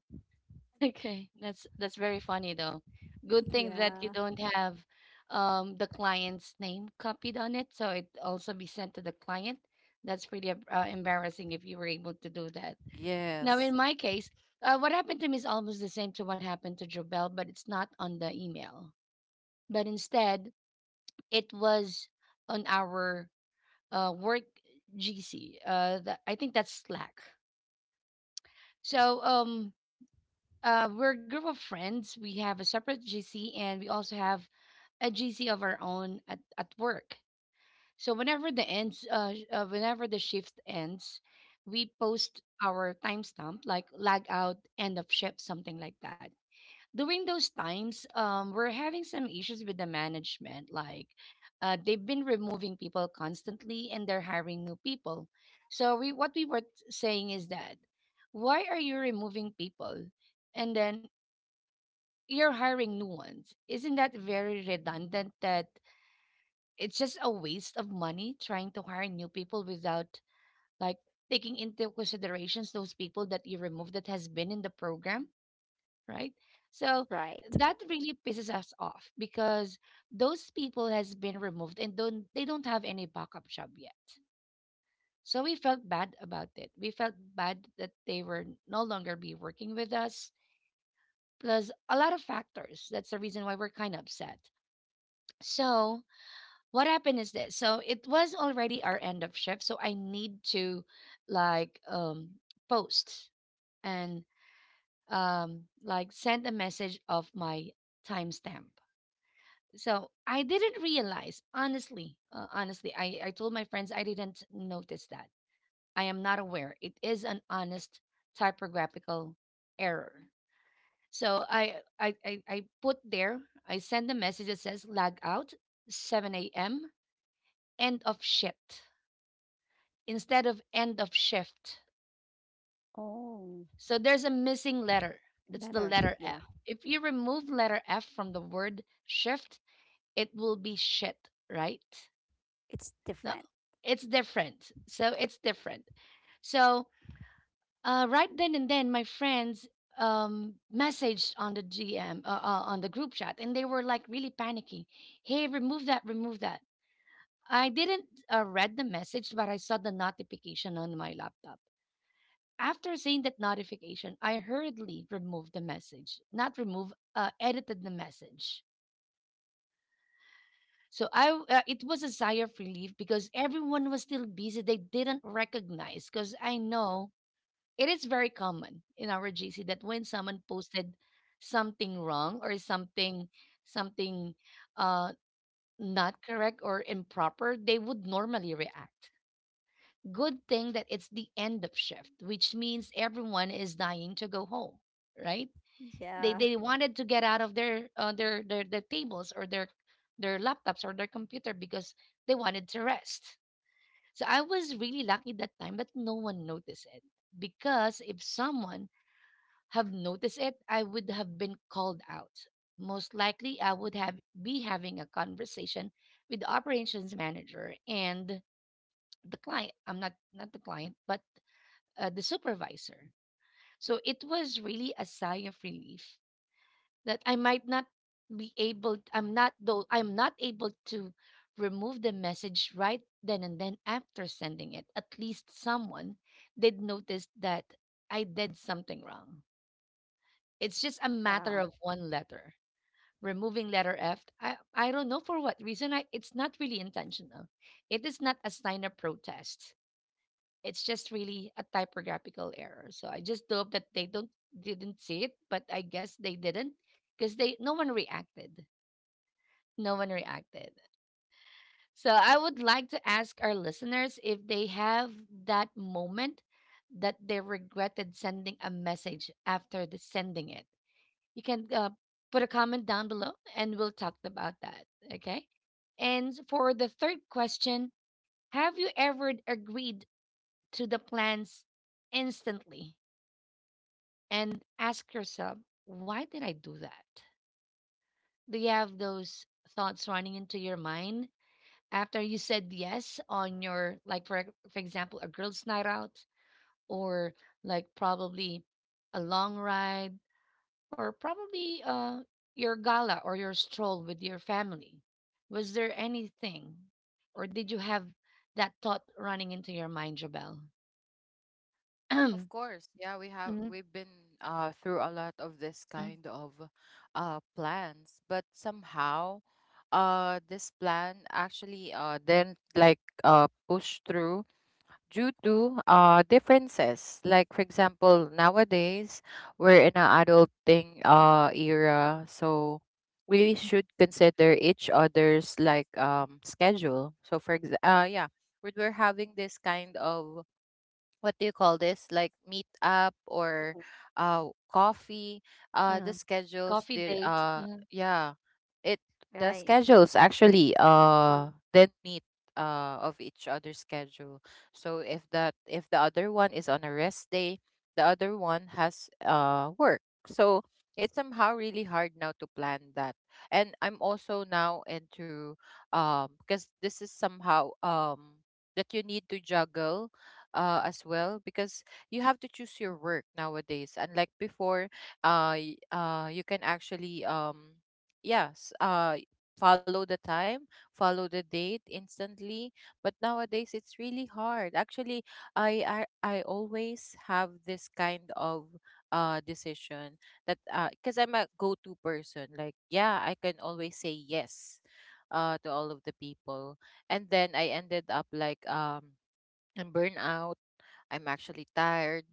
Speaker 1: Okay, that's very funny though. Good thing that you
Speaker 2: Yeah.
Speaker 1: don't have the client's name copied on it, so it also be sent to the client. That's pretty embarrassing if you were able to do that. Now, in
Speaker 3: Yes.
Speaker 1: my case, what happened to me is almost the same to what happened to Jobel, but it's not on the email. But instead, it was on our work GC. I think that's Slack. So we're a group of friends. We have a separate GC and we also have a GC of our own at work. So whenever the shift ends, we post our timestamp like lag out, end of shift, something like that. During those times, we're having some issues with the management. Like, they've been removing people constantly and they're hiring new people. So what we were saying is that, why are you removing people? And then you're hiring new ones. Isn't that very redundant that it's just a waste of money trying to hire new people without like taking into considerations those people that you remove that has been in the program, right? So
Speaker 2: Right.
Speaker 1: that really pisses us off because those people has been removed and don't they don't have any backup job yet. So we felt bad about it. We felt bad that they were no longer be working with us. Plus a lot of factors. That's the reason why we're kind of upset. So what happened is this. So it was already our end of shift. So I need to like post and like send a message of my timestamp. So I didn't realize, honestly, honestly, I told my friends I didn't notice that. I am not aware. It is an honest typographical error. So I put there, I send a message that says lag out 7 a.m. end of shit instead of end of shift.
Speaker 2: Oh,
Speaker 1: So there's a missing letter. That's the
Speaker 2: letter.
Speaker 1: letter
Speaker 2: Yeah.
Speaker 1: F. If you remove letter F from the word shift, it will be shit, right?
Speaker 2: It's
Speaker 1: No,
Speaker 2: different.
Speaker 1: it's different. So it's different. So right then and then, my friends messaged on the GM, on the group chat, and they were like really panicking. Hey, remove that, remove that. I didn't read the message, but I saw the notification on my laptop. After seeing that notification, I hurriedly removed the message. Not remove, edited the message. So it was a sigh of relief because everyone was still busy. They didn't recognize because I know it is very common in our GC that when someone posted something wrong or something, uh, not correct or improper, they would normally react. Good thing that it's the end of shift, which means everyone is dying to go home, right? They
Speaker 2: Yeah.
Speaker 1: they wanted to get out of their tables or their laptops or their computer because they wanted to rest. So I was really lucky that time that no one noticed it because if someone have noticed it, I would have been called out. Most likely, I would have be having a conversation with the operations manager and the client. I'm not the client, but the supervisor. So it was really a sigh of relief that I'm not though I'm not able to remove the message right then and then after sending it. At least someone did notice that I did something wrong. It's just a matter
Speaker 2: Yeah.
Speaker 1: of one letter. Removing letter F, I don't know for what reason. It's not really intentional. It is not a sign of protest. It's just really a typographical error. So I just hope that they don't didn't see it, but I guess they didn't because they no one reacted no one reacted. So I would like to ask our listeners if they have that moment that they regretted sending a message after the sending it. You can put a comment down below, and we'll talk about that. Okay. And for the third question, have you ever agreed to the plans instantly and ask yourself, why did I do that? Do you have those thoughts running into your mind after you said yes on your, like, for example, a girls' night out, or like probably a long ride, or probably your gala or your stroll with your family? Was there anything, or did you have that thought running into your mind, Jabel?
Speaker 3: Of course, yeah,
Speaker 1: [clears throat] Mhm.
Speaker 3: we've been through a lot of this
Speaker 1: Mhm.
Speaker 3: kind of plans, but somehow this plan actually didn't like push through due to differences. Like for example, nowadays we're in an adulting era, so we should consider each other's like schedule. So for ex yeah, we're having this kind of, what do you call this, like meet up or uh coffee,
Speaker 1: Uh-huh.
Speaker 3: the schedules
Speaker 1: Coffee
Speaker 3: did
Speaker 1: date,
Speaker 3: yeah, it the
Speaker 2: Right.
Speaker 3: schedules actually
Speaker 1: mm.
Speaker 3: did meet of each other's schedule. So if that, if the other one is on a rest day, the other one has work, so it's somehow really hard now to plan that. And I'm also now into, because this is somehow, that you need to juggle, as well, because you have to choose your work nowadays unlike before. You can actually, yes, follow the time, follow the date instantly, but nowadays it's really hard actually. I i, I always have this kind of decision that, because I'm a go-to person, like yeah, I can always say yes to all of the people, and then I ended up like, i I'm actually tired.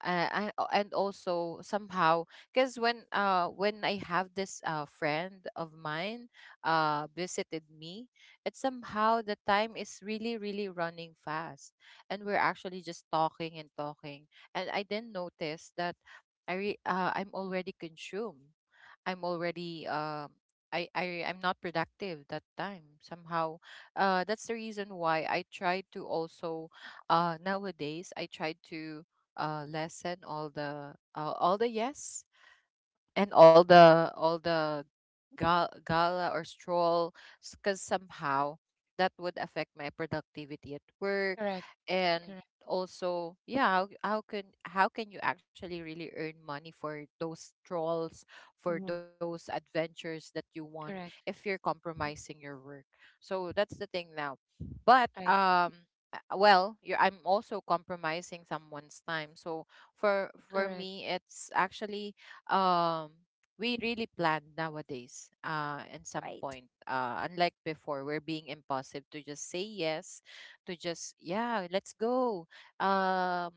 Speaker 3: And also somehow, because when, when I have this friend of mine visited me, it's somehow the time is really really running fast, and we're actually just talking and talking, and I didn't notice that I'm already consumed. I'm already, I'm not productive that time, somehow. That's the reason why I try to also, nowadays I try to, lessen all the, all the yes, and all the gala or stroll, because somehow that would affect my productivity at work.
Speaker 1: Correct.
Speaker 3: And
Speaker 1: Correct.
Speaker 3: also yeah, how can you actually really earn money for those strolls, for
Speaker 1: Mhm.
Speaker 3: those adventures that you want,
Speaker 1: Correct.
Speaker 3: if you're compromising your work? So that's the thing now. But
Speaker 1: Right.
Speaker 3: well you're, I'm also compromising someone's time, so for
Speaker 1: Correct.
Speaker 3: me it's actually, um we really plan nowadays at some
Speaker 2: Right.
Speaker 3: point. Unlike before, we're being impulsive to just say yes, to just yeah, let's go, um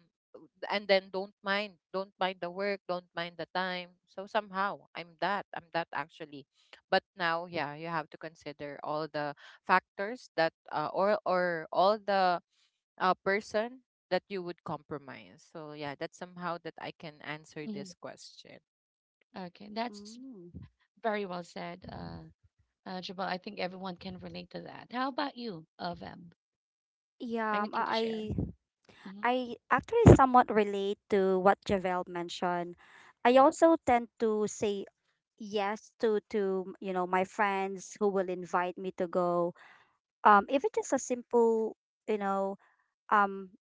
Speaker 3: and then don't mind, don't mind the work, don't mind the time, so somehow I'm that, I'm that actually. But now yeah, you have to consider all the factors that, or all the, person that you would compromise. So yeah, that's somehow that I can answer
Speaker 1: Mhm.
Speaker 3: this question.
Speaker 1: Okay, that's
Speaker 2: Mm.
Speaker 1: very well said, uh, Jabal, I think everyone can relate to that. How about you, Veb?
Speaker 2: Yeah. um, I
Speaker 1: Anything to
Speaker 2: I
Speaker 1: share? Hmm.
Speaker 2: I actually somewhat relate to what Javel mentioned. I also tend to say yes to, you know, my friends who will invite me to go. If it is just a simple, you know um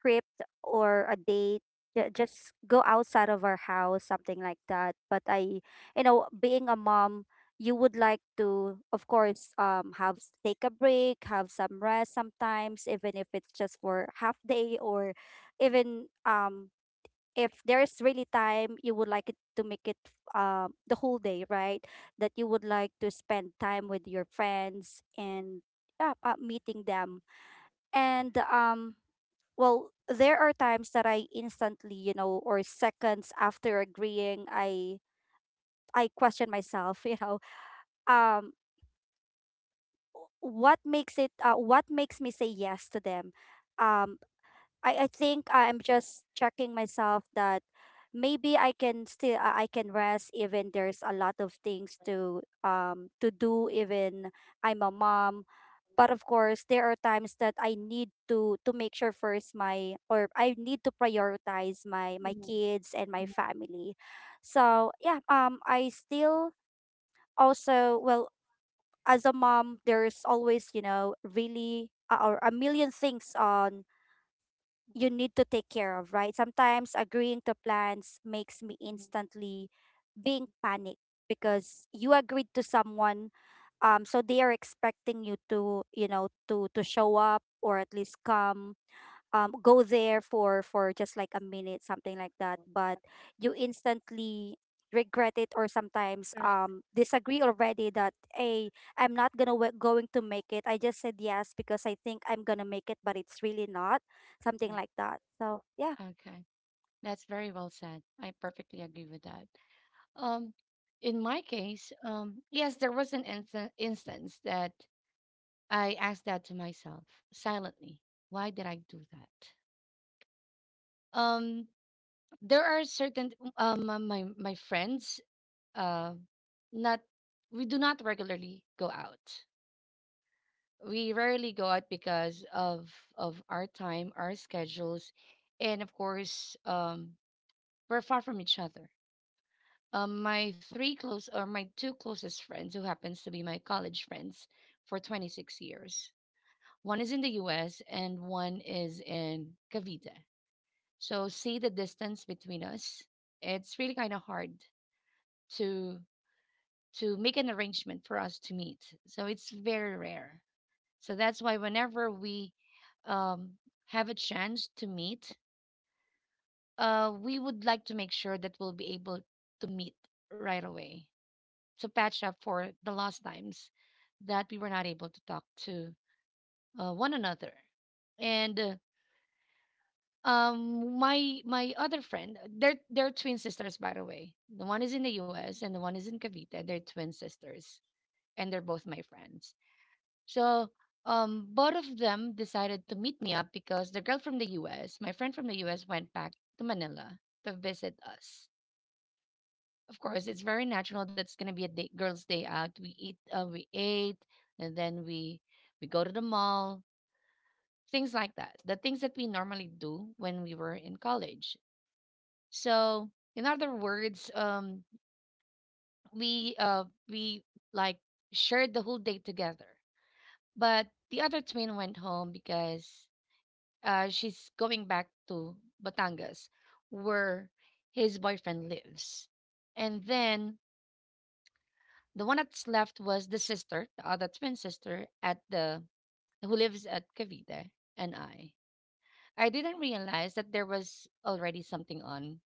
Speaker 2: trip or a date, just go outside of our house, something like that, but i, you know, being a mom, you would like to, of course, have take a break, have some rest sometimes, even if it's just for half day, or even if there's really time, you would like it to make it the whole day, right? That you would like to spend time with your friends and yeah, meeting them, and well, there are times that I instantly, you know, or seconds after agreeing, I question myself, [laughs] you know, um what makes it, what makes me say yes to them? Um I think I'm just checking myself that maybe I can rest, even there's a lot of things to do, even I'm a mom. But of course, there are times that I need to make sure first my, or I need to prioritize my my
Speaker 1: Mhm.
Speaker 2: kids and my
Speaker 1: Mhm.
Speaker 2: family. So yeah, I still, also well, as a mom, there's always, you know, really, or a million things on you need to take care of, right? Sometimes agreeing to plans makes me
Speaker 1: Mhm.
Speaker 2: instantly being panicked, because you agreed to someone, so they are expecting you to, you know, to show up, or at least come go there for just like a minute, something like that. But you instantly regret it, or sometimes
Speaker 1: Correct.
Speaker 2: disagree already, that hey, I'm not gonna w- going to make it. I just said yes because I think I'm gonna make it, but it's really not, something
Speaker 1: Mhm.
Speaker 2: like that. So yeah.
Speaker 1: Okay, that's very well said. I perfectly agree with that. Um, in my case, yes, there was an instance that I asked that to myself silently. Why did I do that? Um, there are certain my friends, uh, not, we do not regularly go out. We rarely go out because of our time, our schedules, and of course, we're far from each other. My three close or my two closest friends, who happens to be my college friends for 26 years. One is in the U.S. and one is in Cavite. So see the distance between us. It's really kind of hard to to make an arrangement for us to meet. So it's very rare. So that's why whenever we um, have a chance to meet, we would like to make sure that we'll be able to meet right away to patch up for the last times that we were not able to talk to one another. And my other friend, they're twin sisters, by the way. The one is in the U.S. and the one is in Cavite. They're twin sisters, and they're both my friends. So both of them decided to meet me up because the girl from the US, my friend from the US, went back to Manila to visit us. Of course, it's very natural that's gonna be a day, girls' day out. We eat, we ate, and then we go to the mall, things like that. The things that we normally do when we were in college. So, in other words, we like shared the whole day together. But the other twin went home because she's going back to Batangas, where his boyfriend lives. And then the one that's left was the sister, the other twin sister at the who lives at Cavite, and I. I didn't realize that there was already something on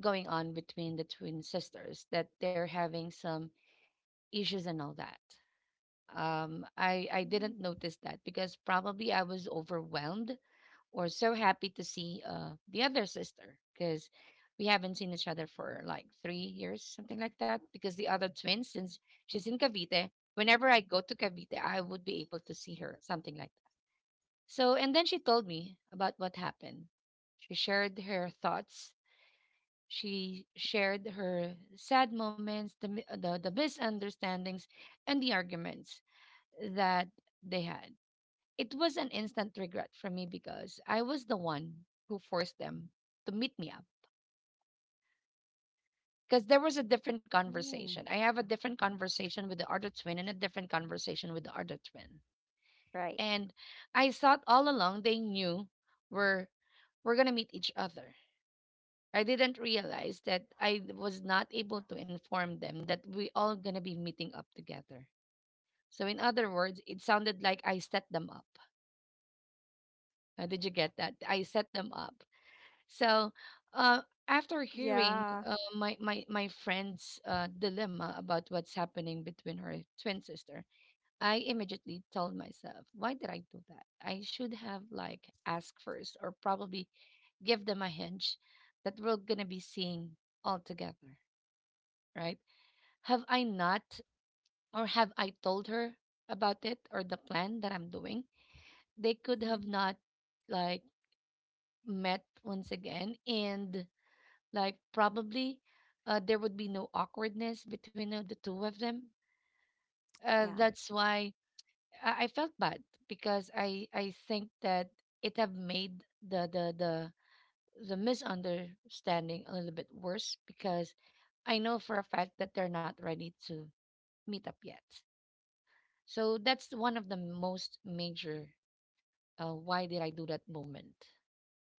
Speaker 1: going on between the twin sisters, that they're having some issues and all that. I didn't
Speaker 2: Mm.
Speaker 1: notice that because probably I was overwhelmed, we so happy to see the other sister because we haven't seen each other for like 3 years, something like that. Because the other twin, since she's in Cavite, whenever I go to Cavite, I would be able to see her, something like that. So, and then she told me about what happened. She shared her thoughts. She shared her sad moments, the misunderstandings, and the arguments that they had. It was an instant regret for me because I was the one who forced them to meet me up. Because there was a different
Speaker 2: Oh,
Speaker 1: conversation. I have a different conversation with the other twin and a different conversation with the other twin.
Speaker 2: right.
Speaker 1: And I thought all along they knew we're we're gonna meet each other. I didn't realize that I was not able to inform them that we all gonna be meeting up together. So in other words, it sounded like I set them up. Did you get that? I set them up. So, uh, after hearing
Speaker 2: Yeah.
Speaker 1: my friend's dilemma about what's happening between her twin sister, I immediately told myself, why did I do that? I should have like asked first, or probably give them a hint that we're going to be seeing all together, right? Have I not or have I told her about it or the plan that I'm doing? They could
Speaker 2: Hmm.
Speaker 1: have not like met once again, and like probably there would be no awkwardness between the two of them.
Speaker 2: Yeah.
Speaker 1: That's why I felt bad because I think that it have made the the misunderstanding a little bit worse, because I know for a fact that they're not ready to meet up yet. So that's one of the most major why did I do that moment.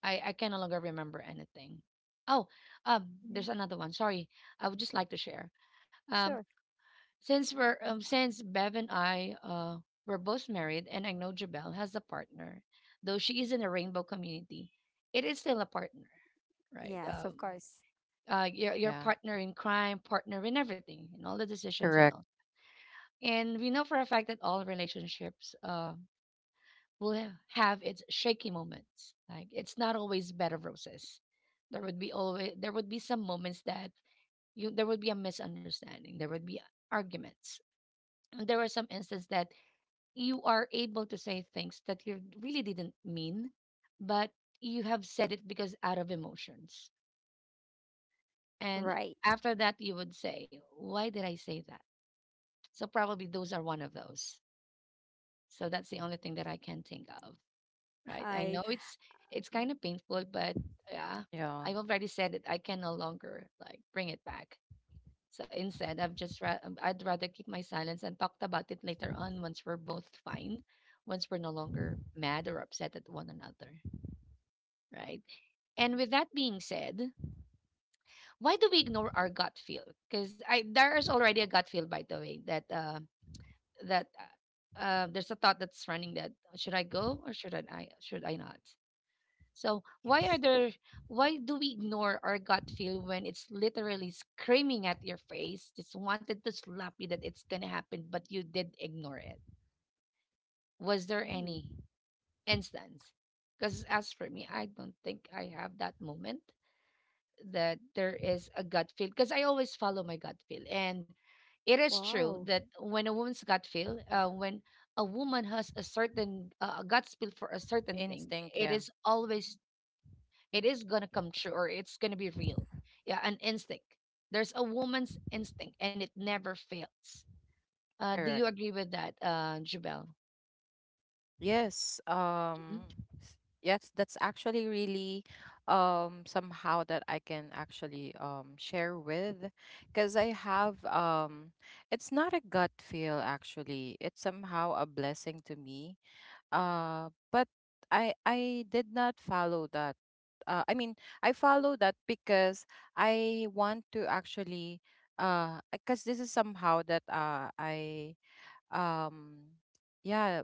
Speaker 1: I can no longer remember anything. Oh,
Speaker 2: Mhm.
Speaker 1: there's another one. Sorry. I would just like to share. Um,
Speaker 2: Sure.
Speaker 1: since we're since Bev and I were both married, and I know Jabel has a partner, though she is in a rainbow community, it is still a partner, right?
Speaker 2: Yes, of course.
Speaker 1: Your
Speaker 3: Yeah.
Speaker 1: partner in crime, partner in everything, in all the decisions and
Speaker 3: Correct.
Speaker 1: all. And we know for a fact that all relationships have its shaky moments. Like it's not always bed of roses. There would be always there would be some moments that you there would be a misunderstanding. There would be arguments. And there were some instances that you are able to say things that you really didn't mean, but you have said it because out of emotions. And
Speaker 2: Right.
Speaker 1: after that, you would say, why did I say that? So, probably those are one of those. So, that's the only thing that I can think of, right? I
Speaker 2: Hi.
Speaker 1: know it's kind of painful, but yeah,
Speaker 3: Yeah.
Speaker 1: I've already said it. I can no longer like bring it back. So instead, I'd rather keep my silence and talked about it later on once we're both fine, once we're no longer mad or upset at one another, right? And with that being said, why do we ignore our gut feel? Because I there is already a gut feel, by the way, that that there's a thought that's running that should I go or should I not? So why are there why do we ignore our gut feel when it's literally screaming at your face, just wanted to slap you that it's gonna happen, but you did ignore it? Was there any
Speaker 2: Mm.
Speaker 1: instance? Because as for me, I don't think I have that moment that there is a gut feel. Because I always follow my gut feel. And it is true
Speaker 2: Wow.
Speaker 1: that when a woman's gut feel, when a woman has a certain a gut feel for a certain thing,
Speaker 3: Instinct, yeah.
Speaker 1: it is always it is going to come true or it's going to be real. Yeah, an instinct. There's a woman's instinct and it never fails. Do
Speaker 3: Correct.
Speaker 1: you agree with that, Jubel?
Speaker 3: Yes. S- yes, that's actually really, somehow that I can actually share with, because I have, it's not a gut feel actually. It's somehow a blessing to me. But I did not follow that. I mean, I follow that because I want to actually, because this is somehow that I um yeah,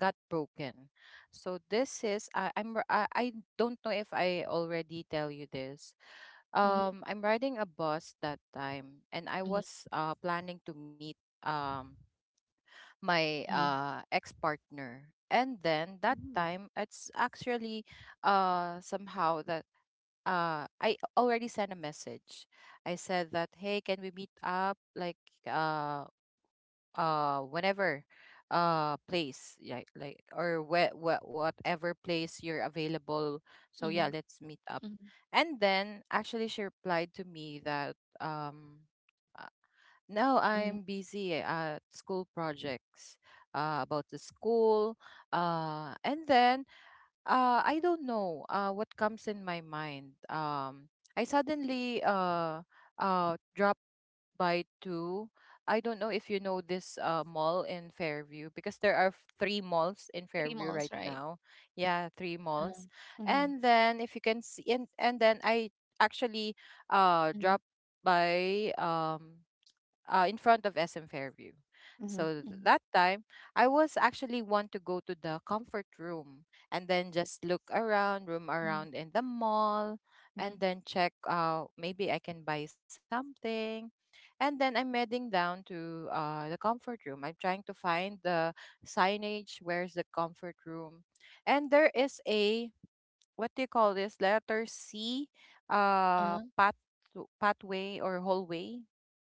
Speaker 3: got broken. So this is I, I'm r- I don't know if I already tell you this,
Speaker 1: Mm-hmm.
Speaker 3: I'm riding a bus that time, and I
Speaker 1: Mm-hmm.
Speaker 3: was planning to meet, um my
Speaker 1: Mm-hmm.
Speaker 3: ex-partner. And then that
Speaker 2: Mm.
Speaker 3: time it's actually somehow that, I already sent a message. I said that, hey, can we meet up like, uh whenever, place like, or whatever place you're available, so
Speaker 1: Mm-hmm.
Speaker 3: yeah, let's meet up.
Speaker 1: Mm-hmm.
Speaker 3: And then actually she replied to me that, uh, no,
Speaker 1: Mm-hmm.
Speaker 3: I'm busy at school projects, about the school. And then I don't know what comes in my mind. I suddenly drop by two. I don't know if you know this, mall in Fairview, because there are three malls in
Speaker 1: Three
Speaker 3: Fairview
Speaker 1: malls,
Speaker 3: right
Speaker 1: right?
Speaker 3: now. Yeah, three
Speaker 1: Uh,
Speaker 3: malls.
Speaker 1: mm-hmm.
Speaker 3: And then if you can see, and then I actually
Speaker 1: Hmm.
Speaker 3: dropped by, in front of SM Fairview.
Speaker 1: Hmm.
Speaker 3: So
Speaker 1: Hmm.
Speaker 3: that time, I was actually want to go to the comfort room, and then just look around, roam around in the mall,
Speaker 1: Hmm.
Speaker 3: and then check, maybe I can buy something. And then I'm heading down to, the comfort room. I'm trying to find the signage. Where's the comfort room? And there is a, what do you call this, letter C,
Speaker 1: Uh-huh.
Speaker 3: path, pathway or hallway,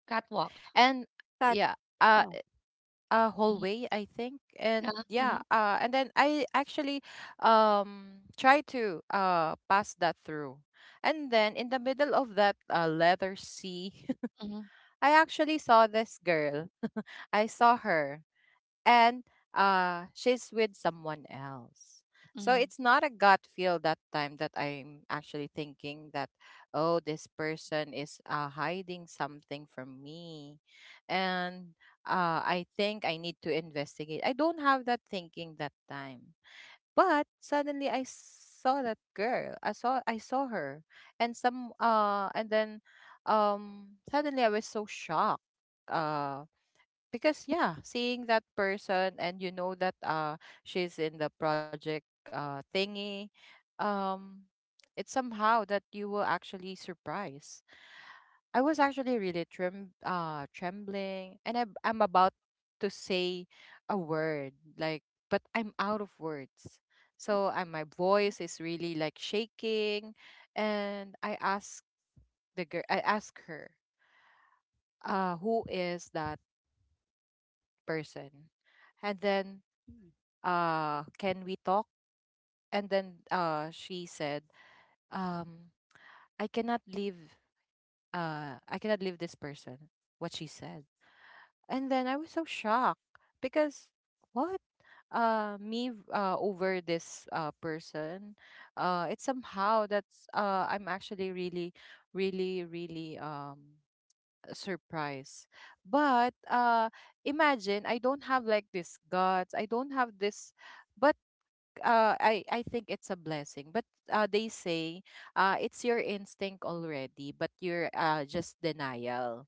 Speaker 1: Catwalk.
Speaker 3: and
Speaker 2: Cut
Speaker 3: yeah, uh
Speaker 2: off.
Speaker 3: a
Speaker 1: Hmm.
Speaker 3: hallway, I think. And
Speaker 1: Uh-huh.
Speaker 3: yeah,
Speaker 1: Hmm.
Speaker 3: and then I actually, try to pass that through. And then in the middle of that, letter C,
Speaker 1: Hmm.
Speaker 3: [laughs] I actually saw this girl. [laughs] I saw her, and she's with someone else. So
Speaker 1: Hmm.
Speaker 3: it's not a gut feel that time, that I'm actually thinking that, oh, this person is, hiding something from me, and, I think I need to investigate. I don't have that thinking that time. But suddenly I saw that girl. I saw her, and some and then suddenly I was so shocked. uh, because yeah, seeing that person, and you know that, she's in the project thingy, um it's somehow that you will actually surprise. I was actually really, trembling, and I'm about to say a word, like, but I'm out of words. So, and my voice is really like shaking. And I ask the girl, I ask her, who is that person, and then,
Speaker 2: Mm.
Speaker 3: can we talk? And then she said, um I cannot leave, I cannot leave this person, what she said. And then I was so shocked, because what, over this person. It's somehow that's, I'm actually really, really surprised. But imagine, I don't have like this guts, I don't have this. But, I think it's a blessing. But, they say, it's your instinct already, but you're, just denial.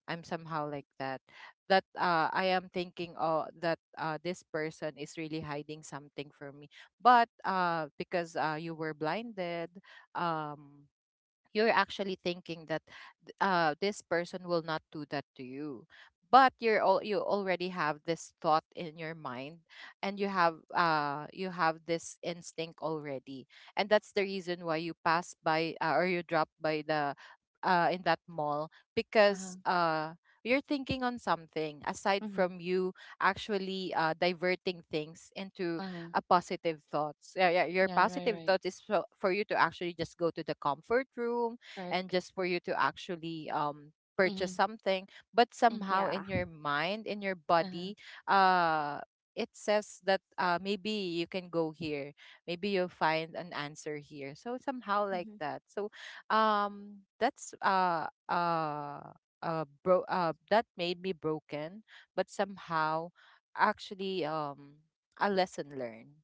Speaker 3: I'm somehow like that. That, I am thinking, oh, that, this person is really hiding something from me. But, because, you were blinded, um, you're actually thinking that this person will not do that to you, but you're all, you already have this thought in your mind, and you have this instinct already, and that's the reason why you pass by, or you drop by the, in that mall,
Speaker 1: Uh-huh.
Speaker 3: because, you're thinking on something aside
Speaker 1: Hmm.
Speaker 3: from you, actually diverting things into
Speaker 1: Uh-huh.
Speaker 3: a positive thoughts. Yeah, yeah. Your
Speaker 1: Yeah, right,
Speaker 3: positive
Speaker 1: right.
Speaker 3: thoughts is for you to actually just go to the comfort room, and
Speaker 1: Correct.
Speaker 3: just for you to actually
Speaker 1: Mm-hmm.
Speaker 3: purchase something. But
Speaker 1: Mm-hmm.
Speaker 3: somehow
Speaker 2: Yeah.
Speaker 3: in your mind, in your
Speaker 1: Uh-huh.
Speaker 3: body, uh it says that, maybe you can go here. Maybe you'll find an answer here. So somehow like
Speaker 2: Mhm.
Speaker 3: that. So, that's bro that made me broken, but somehow, actually, a lesson learned.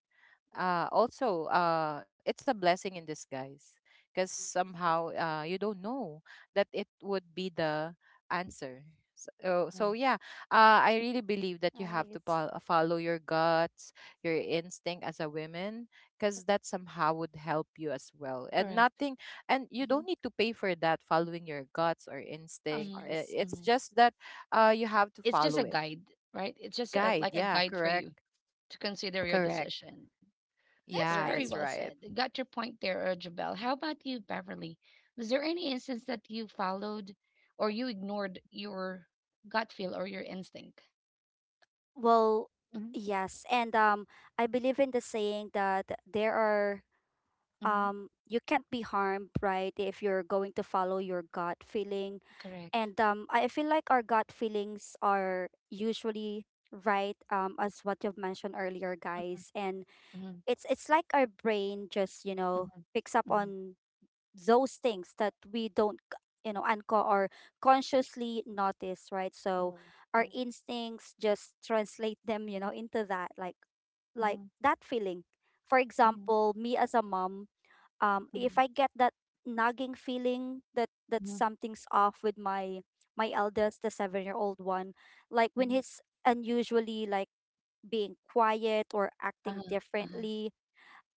Speaker 3: Also, it's a blessing in disguise, because somehow, you don't know that it would be the answer. So,
Speaker 1: Uh-huh.
Speaker 3: so yeah, I really believe that you have to,
Speaker 2: Nice.
Speaker 3: follow your guts, your instinct as a woman, because that somehow would help you as well. And
Speaker 1: Correct.
Speaker 3: nothing, and you
Speaker 2: Mhm.
Speaker 3: don't need to pay for that, following your guts or
Speaker 2: Of
Speaker 3: instinct.
Speaker 2: course,
Speaker 1: Mm-hmm.
Speaker 3: It's
Speaker 1: Mm-hmm.
Speaker 3: just that, you have to
Speaker 1: It's just a
Speaker 3: follow it.
Speaker 1: guide, right? It's just a,
Speaker 3: Guide,
Speaker 1: like a
Speaker 3: yeah,
Speaker 1: guide for you
Speaker 3: correct.
Speaker 1: to consider your
Speaker 3: Correct.
Speaker 1: decision. That's
Speaker 3: Yeah,
Speaker 1: very
Speaker 2: right?
Speaker 3: that's
Speaker 1: well
Speaker 3: right.
Speaker 1: said. Got your point there, Jabel. How about you, Beverly? Was there any instance that you followed or you ignored your gut feel or your instinct?
Speaker 2: Well,
Speaker 1: Mhm.
Speaker 2: yes, and I believe in the saying that there are
Speaker 1: Mhm.
Speaker 2: you can't be harmed, right, if you're going to follow your gut feeling,
Speaker 1: Correct.
Speaker 2: and I feel like our gut feelings are usually right, as what you've mentioned earlier,
Speaker 1: Mhm.
Speaker 2: guys, and
Speaker 1: Mhm.
Speaker 2: it's like our brain just, you know,
Speaker 1: Mhm.
Speaker 2: picks up
Speaker 1: Mhm.
Speaker 2: on those things that we don't, c- you know unco- or consciously notice, right? So
Speaker 1: Mhm.
Speaker 2: our
Speaker 1: Mhm.
Speaker 2: instincts just translate them, you know, into that like
Speaker 1: Mhm.
Speaker 2: that feeling. For
Speaker 1: Mhm.
Speaker 2: example, me as a mom, if
Speaker 1: Mhm.
Speaker 2: I get that nagging feeling that that
Speaker 1: Mhm.
Speaker 2: something's off with my my eldest, the seven year old one, like when
Speaker 1: Mhm.
Speaker 2: he's unusually like being quiet or
Speaker 1: Uh
Speaker 2: acting
Speaker 1: huh. Uh huh.
Speaker 2: differently,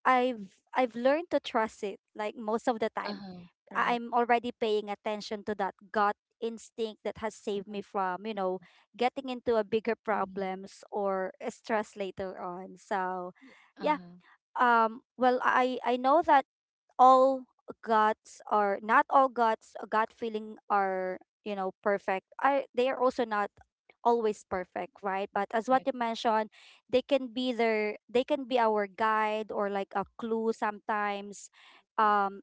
Speaker 2: I've learned to trust it, like most of the
Speaker 1: Uh
Speaker 2: time
Speaker 1: huh.
Speaker 2: I-
Speaker 1: Right.
Speaker 2: I'm already paying attention to that gut instinct that has saved me
Speaker 1: Mhm.
Speaker 2: from, you know, getting into a bigger
Speaker 1: Mhm.
Speaker 2: problems or a stress later on. So,
Speaker 1: Uh
Speaker 2: yeah.
Speaker 1: huh.
Speaker 2: I know that all guts are not all guts, gut feeling are, you know, perfect. I They are also not always perfect, right? But as
Speaker 1: Right.
Speaker 2: what you mentioned, they can be their, they can be our guide or like a clue sometimes, um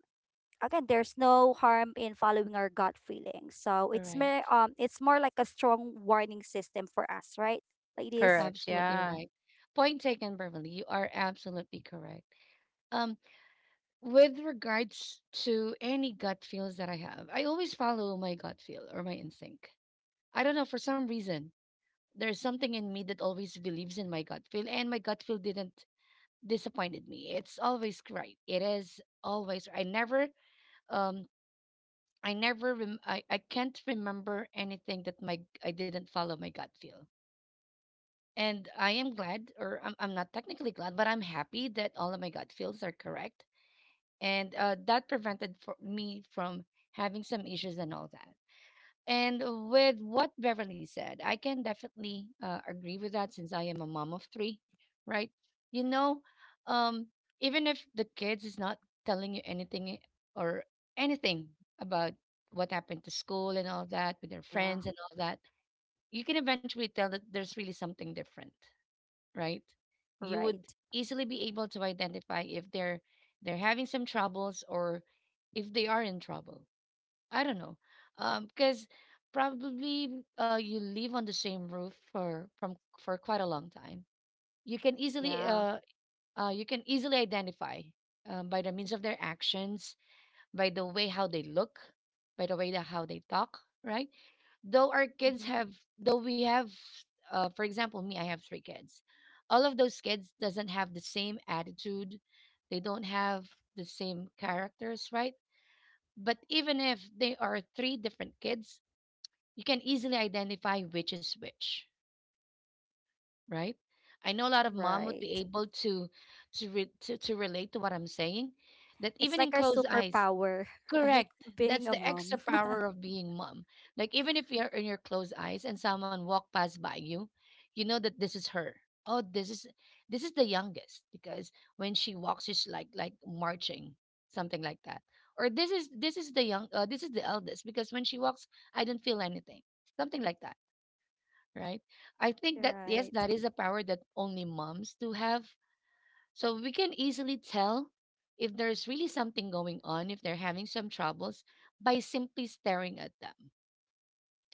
Speaker 2: again, there's no harm in following our gut feelings. So it's more,
Speaker 1: Correct.
Speaker 2: it's more like a strong warning system for us, right, ladies?
Speaker 3: Correct.
Speaker 1: Absolutely
Speaker 3: Yeah.
Speaker 1: right. Point taken, Beverly. You are absolutely correct. Um, with regards to any gut feels that I have, I always follow my gut feel or my instinct. I don't know, for some reason, there's something in me that always believes in my gut feel, and my gut feel didn't disappointed me. It's always right. It is always. Um, I can't remember anything that my I didn't follow my gut feel. And I am glad, or I'm not technically glad, but I'm happy that all of my gut feels are correct. And that prevented for me from having some issues and all that. And with what Beverly said, I can definitely agree with that, since I am a mom of three, right? You know, um, even if the kids is not telling you anything or anything about what happened to school and all that with their
Speaker 2: Yeah,
Speaker 1: friends and all that, you can eventually tell that there's really something different, right? You would
Speaker 2: right.
Speaker 1: easily be able to identify if they're having some troubles or if they are in trouble. I don't know, because probably you live on the same roof for from for quite a long time. You can easily
Speaker 2: Yeah,
Speaker 1: uh, you can easily identify by the means of their actions, by the way how they look, by the way how they talk, right? Though our kids
Speaker 2: hmm,
Speaker 1: have, though we have, for example, me, I have three kids. All of those kids doesn't have the same attitude. They don't have the same characters, right? But even if they are three different kids, you can easily identify which is which, right? I know a lot of mom would be
Speaker 2: right.
Speaker 1: able to to relate to what I'm saying. That
Speaker 2: It's
Speaker 1: even
Speaker 2: like
Speaker 1: in
Speaker 2: our
Speaker 1: closed eyes.
Speaker 2: superpower, [laughs] right?
Speaker 1: Correct.
Speaker 2: Being
Speaker 1: That's
Speaker 2: a
Speaker 1: the
Speaker 2: mom.
Speaker 1: extra
Speaker 2: [laughs]
Speaker 1: power of being mom. Like even if you're in your closed eyes and someone walk past by you, you know that this is her. Oh, this is the youngest because when she walks, she's like marching, something like that. Or this is the young this is the eldest because when she walks, I don't feel anything, something like that, right? I think that yes,
Speaker 2: Right.
Speaker 1: that is a power that only moms do have, so we can easily tell if there's really something going on, if they're having some troubles by simply staring at them,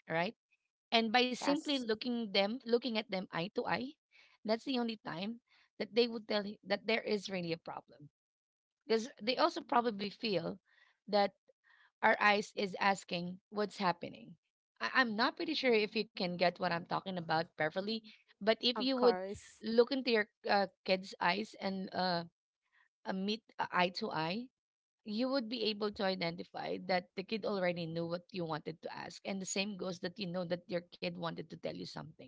Speaker 1: right? And by simply
Speaker 2: Yes,
Speaker 1: looking at them eye to eye, that's the only time that they would tell you that there is really a problem. Because they also probably feel that our eyes is asking what's happening. I'm not pretty sure if you can get what I'm talking about perfectly, but if
Speaker 2: of
Speaker 1: you would
Speaker 2: course.
Speaker 1: look into your kids' eyes and a meet eye to eye, you would be able to identify that the kid already knew what you wanted to ask. And the same goes that you know that your kid wanted to tell you something,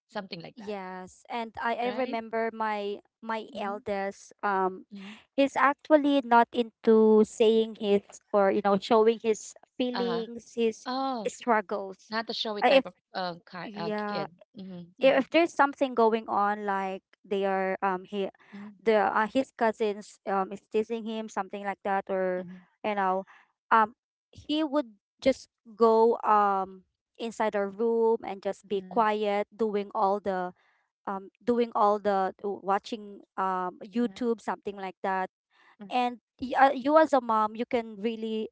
Speaker 1: something like that,
Speaker 2: Yes, and I
Speaker 1: right?
Speaker 2: remember my my
Speaker 1: Mm-hmm,
Speaker 2: eldest,
Speaker 1: mm-hmm.
Speaker 2: he's actually not into saying his, or you know, showing his
Speaker 1: Uh huh.
Speaker 2: feelings, his
Speaker 1: Oh,
Speaker 2: struggles.
Speaker 1: not the showy
Speaker 2: If
Speaker 1: type of kid.
Speaker 2: yeah,
Speaker 1: Mm-hmm, mm-hmm,
Speaker 2: I- If there's something going on, like they are, he
Speaker 1: mm-hmm,
Speaker 2: the, his cousins is teasing him, something like that, or,
Speaker 1: mm-hmm,
Speaker 2: you know, um he would just go inside our room and just be
Speaker 1: mm-hmm,
Speaker 2: quiet, doing all the, doing all the watching,
Speaker 1: mm-hmm.
Speaker 2: YouTube, something like that. And you as a mom, you can really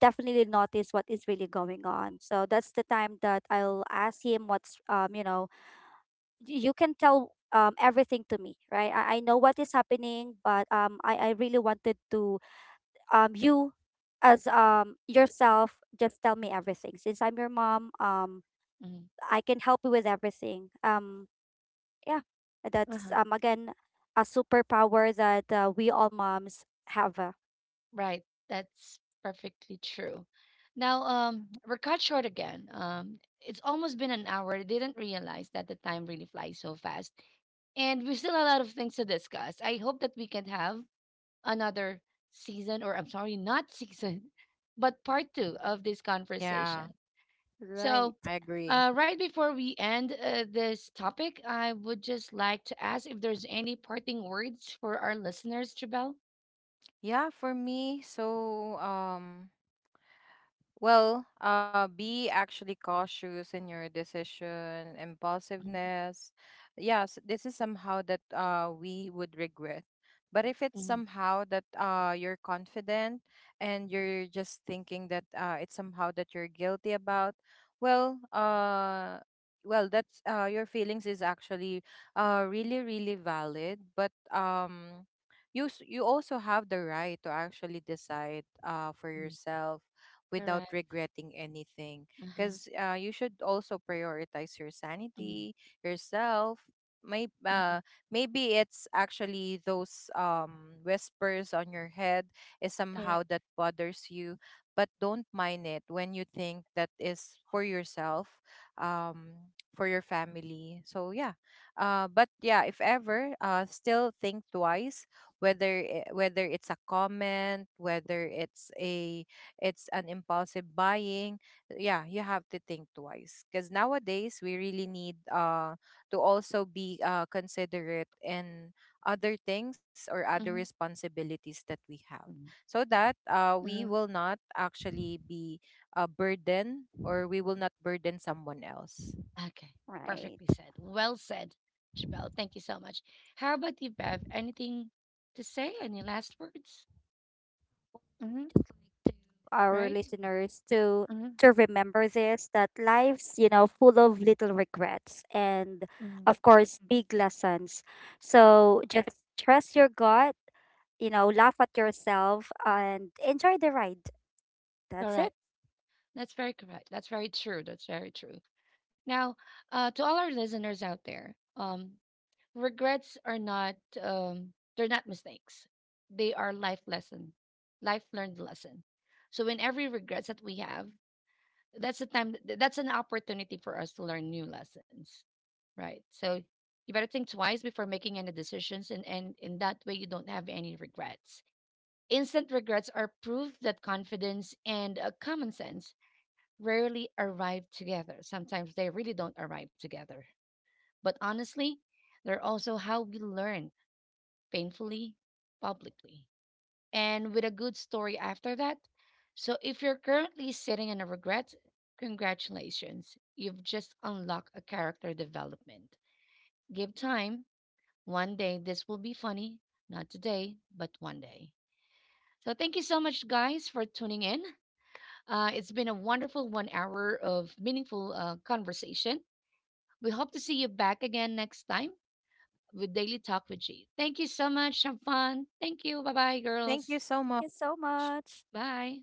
Speaker 2: definitely notice what is really going on. So that's the time that I'll ask him, what's, you know, you can tell, um, everything to me, right? I know what is happening, but I really wanted to you as, um, yourself just tell me everything. Since I'm your mom,
Speaker 1: Mm-hmm.
Speaker 2: I can help you with everything. Yeah,
Speaker 1: Uh
Speaker 2: that's,
Speaker 1: huh.
Speaker 2: um, again a superpower that, we all moms have. Uh,
Speaker 1: Right. That's perfectly true. Now, we're cut short again. It's almost been an hour. I didn't realize that the time really flies so fast. And we still have a lot of things to discuss. I hope that we can have another season, or I'm sorry, not season, [laughs] but part two of this
Speaker 3: Yeah,
Speaker 1: conversation. So,
Speaker 2: right,
Speaker 3: I agree.
Speaker 1: right before we end this topic, I would just like to ask if there's any parting words for our listeners, Jabel.
Speaker 3: Yeah, for me, so, well, be actually cautious in your decision,
Speaker 1: Mhm,
Speaker 3: impulsiveness. Yes, this is somehow that, we would regret. But if it's
Speaker 1: mhm,
Speaker 3: somehow that, you're confident, and you're just thinking that, it's somehow that you're guilty about, well, well, that's, your feelings is actually, really, really valid. But, you also have the right to actually decide, for
Speaker 1: mhm.
Speaker 3: yourself without
Speaker 1: Correct.
Speaker 3: regretting anything.
Speaker 1: Uh-huh.
Speaker 3: Because, you should also prioritize your
Speaker 1: Mhm,
Speaker 3: sanity, yourself. Maybe,
Speaker 1: mhm.
Speaker 3: maybe it's actually those, whispers on your head is
Speaker 1: Correct.
Speaker 3: somehow that bothers you, but don't mind it when you think that is for yourself, um, for your family. So yeah, but yeah, if ever, still think twice whether, whether it's a comment, whether it's a, it's an impulsive buying. Yeah, you have to think twice, because nowadays we really need, to also be, considerate in other things or other responsibilities that we have,
Speaker 1: Mm-hmm.
Speaker 3: so that, we will not actually be a burden, or we will not burden someone else.
Speaker 1: Okay.
Speaker 2: right.
Speaker 1: Perfectly said. Well said, Jabel. Thank you so much. How about you, Bev? Anything to say? Any last words? Mm-hmm.
Speaker 2: Our
Speaker 1: Right?
Speaker 2: listeners
Speaker 1: Mm-hmm.
Speaker 2: to remember this, that lives, you know, full of little regrets and
Speaker 1: Mm-hmm.
Speaker 2: of course big lessons. So just trust your gut. You know, laugh at yourself and enjoy the ride. That's it.
Speaker 1: Correct. That's very correct. That's very true. That's very true. Now, to all our listeners out there, regrets are not they're not mistakes. They are life lesson, life learned lesson. So in every regrets that we have, that's the time th- that's an opportunity for us to learn new lessons, right? So you better think twice before making any decisions, and in that way you don't have any regrets. Instant regrets are proof that confidence and common sense rarely arrive together. Sometimes they really don't arrive together, but honestly, they're also how we learn, painfully, publicly, and with a good story after that. So if you're currently sitting in a regret, congratulations. You've just unlocked a character development. Give time. One day this will be funny. Not today, but one day. So thank you so much, guys, for tuning in. It's been a wonderful one hour of meaningful conversation. We hope to see you back again next time with Daily Talk with G. Thank you so much. Have fun. Thank you. Bye bye, girls.
Speaker 3: Thank you
Speaker 2: Thank
Speaker 3: so
Speaker 2: you so
Speaker 3: much.
Speaker 2: much.
Speaker 1: Bye.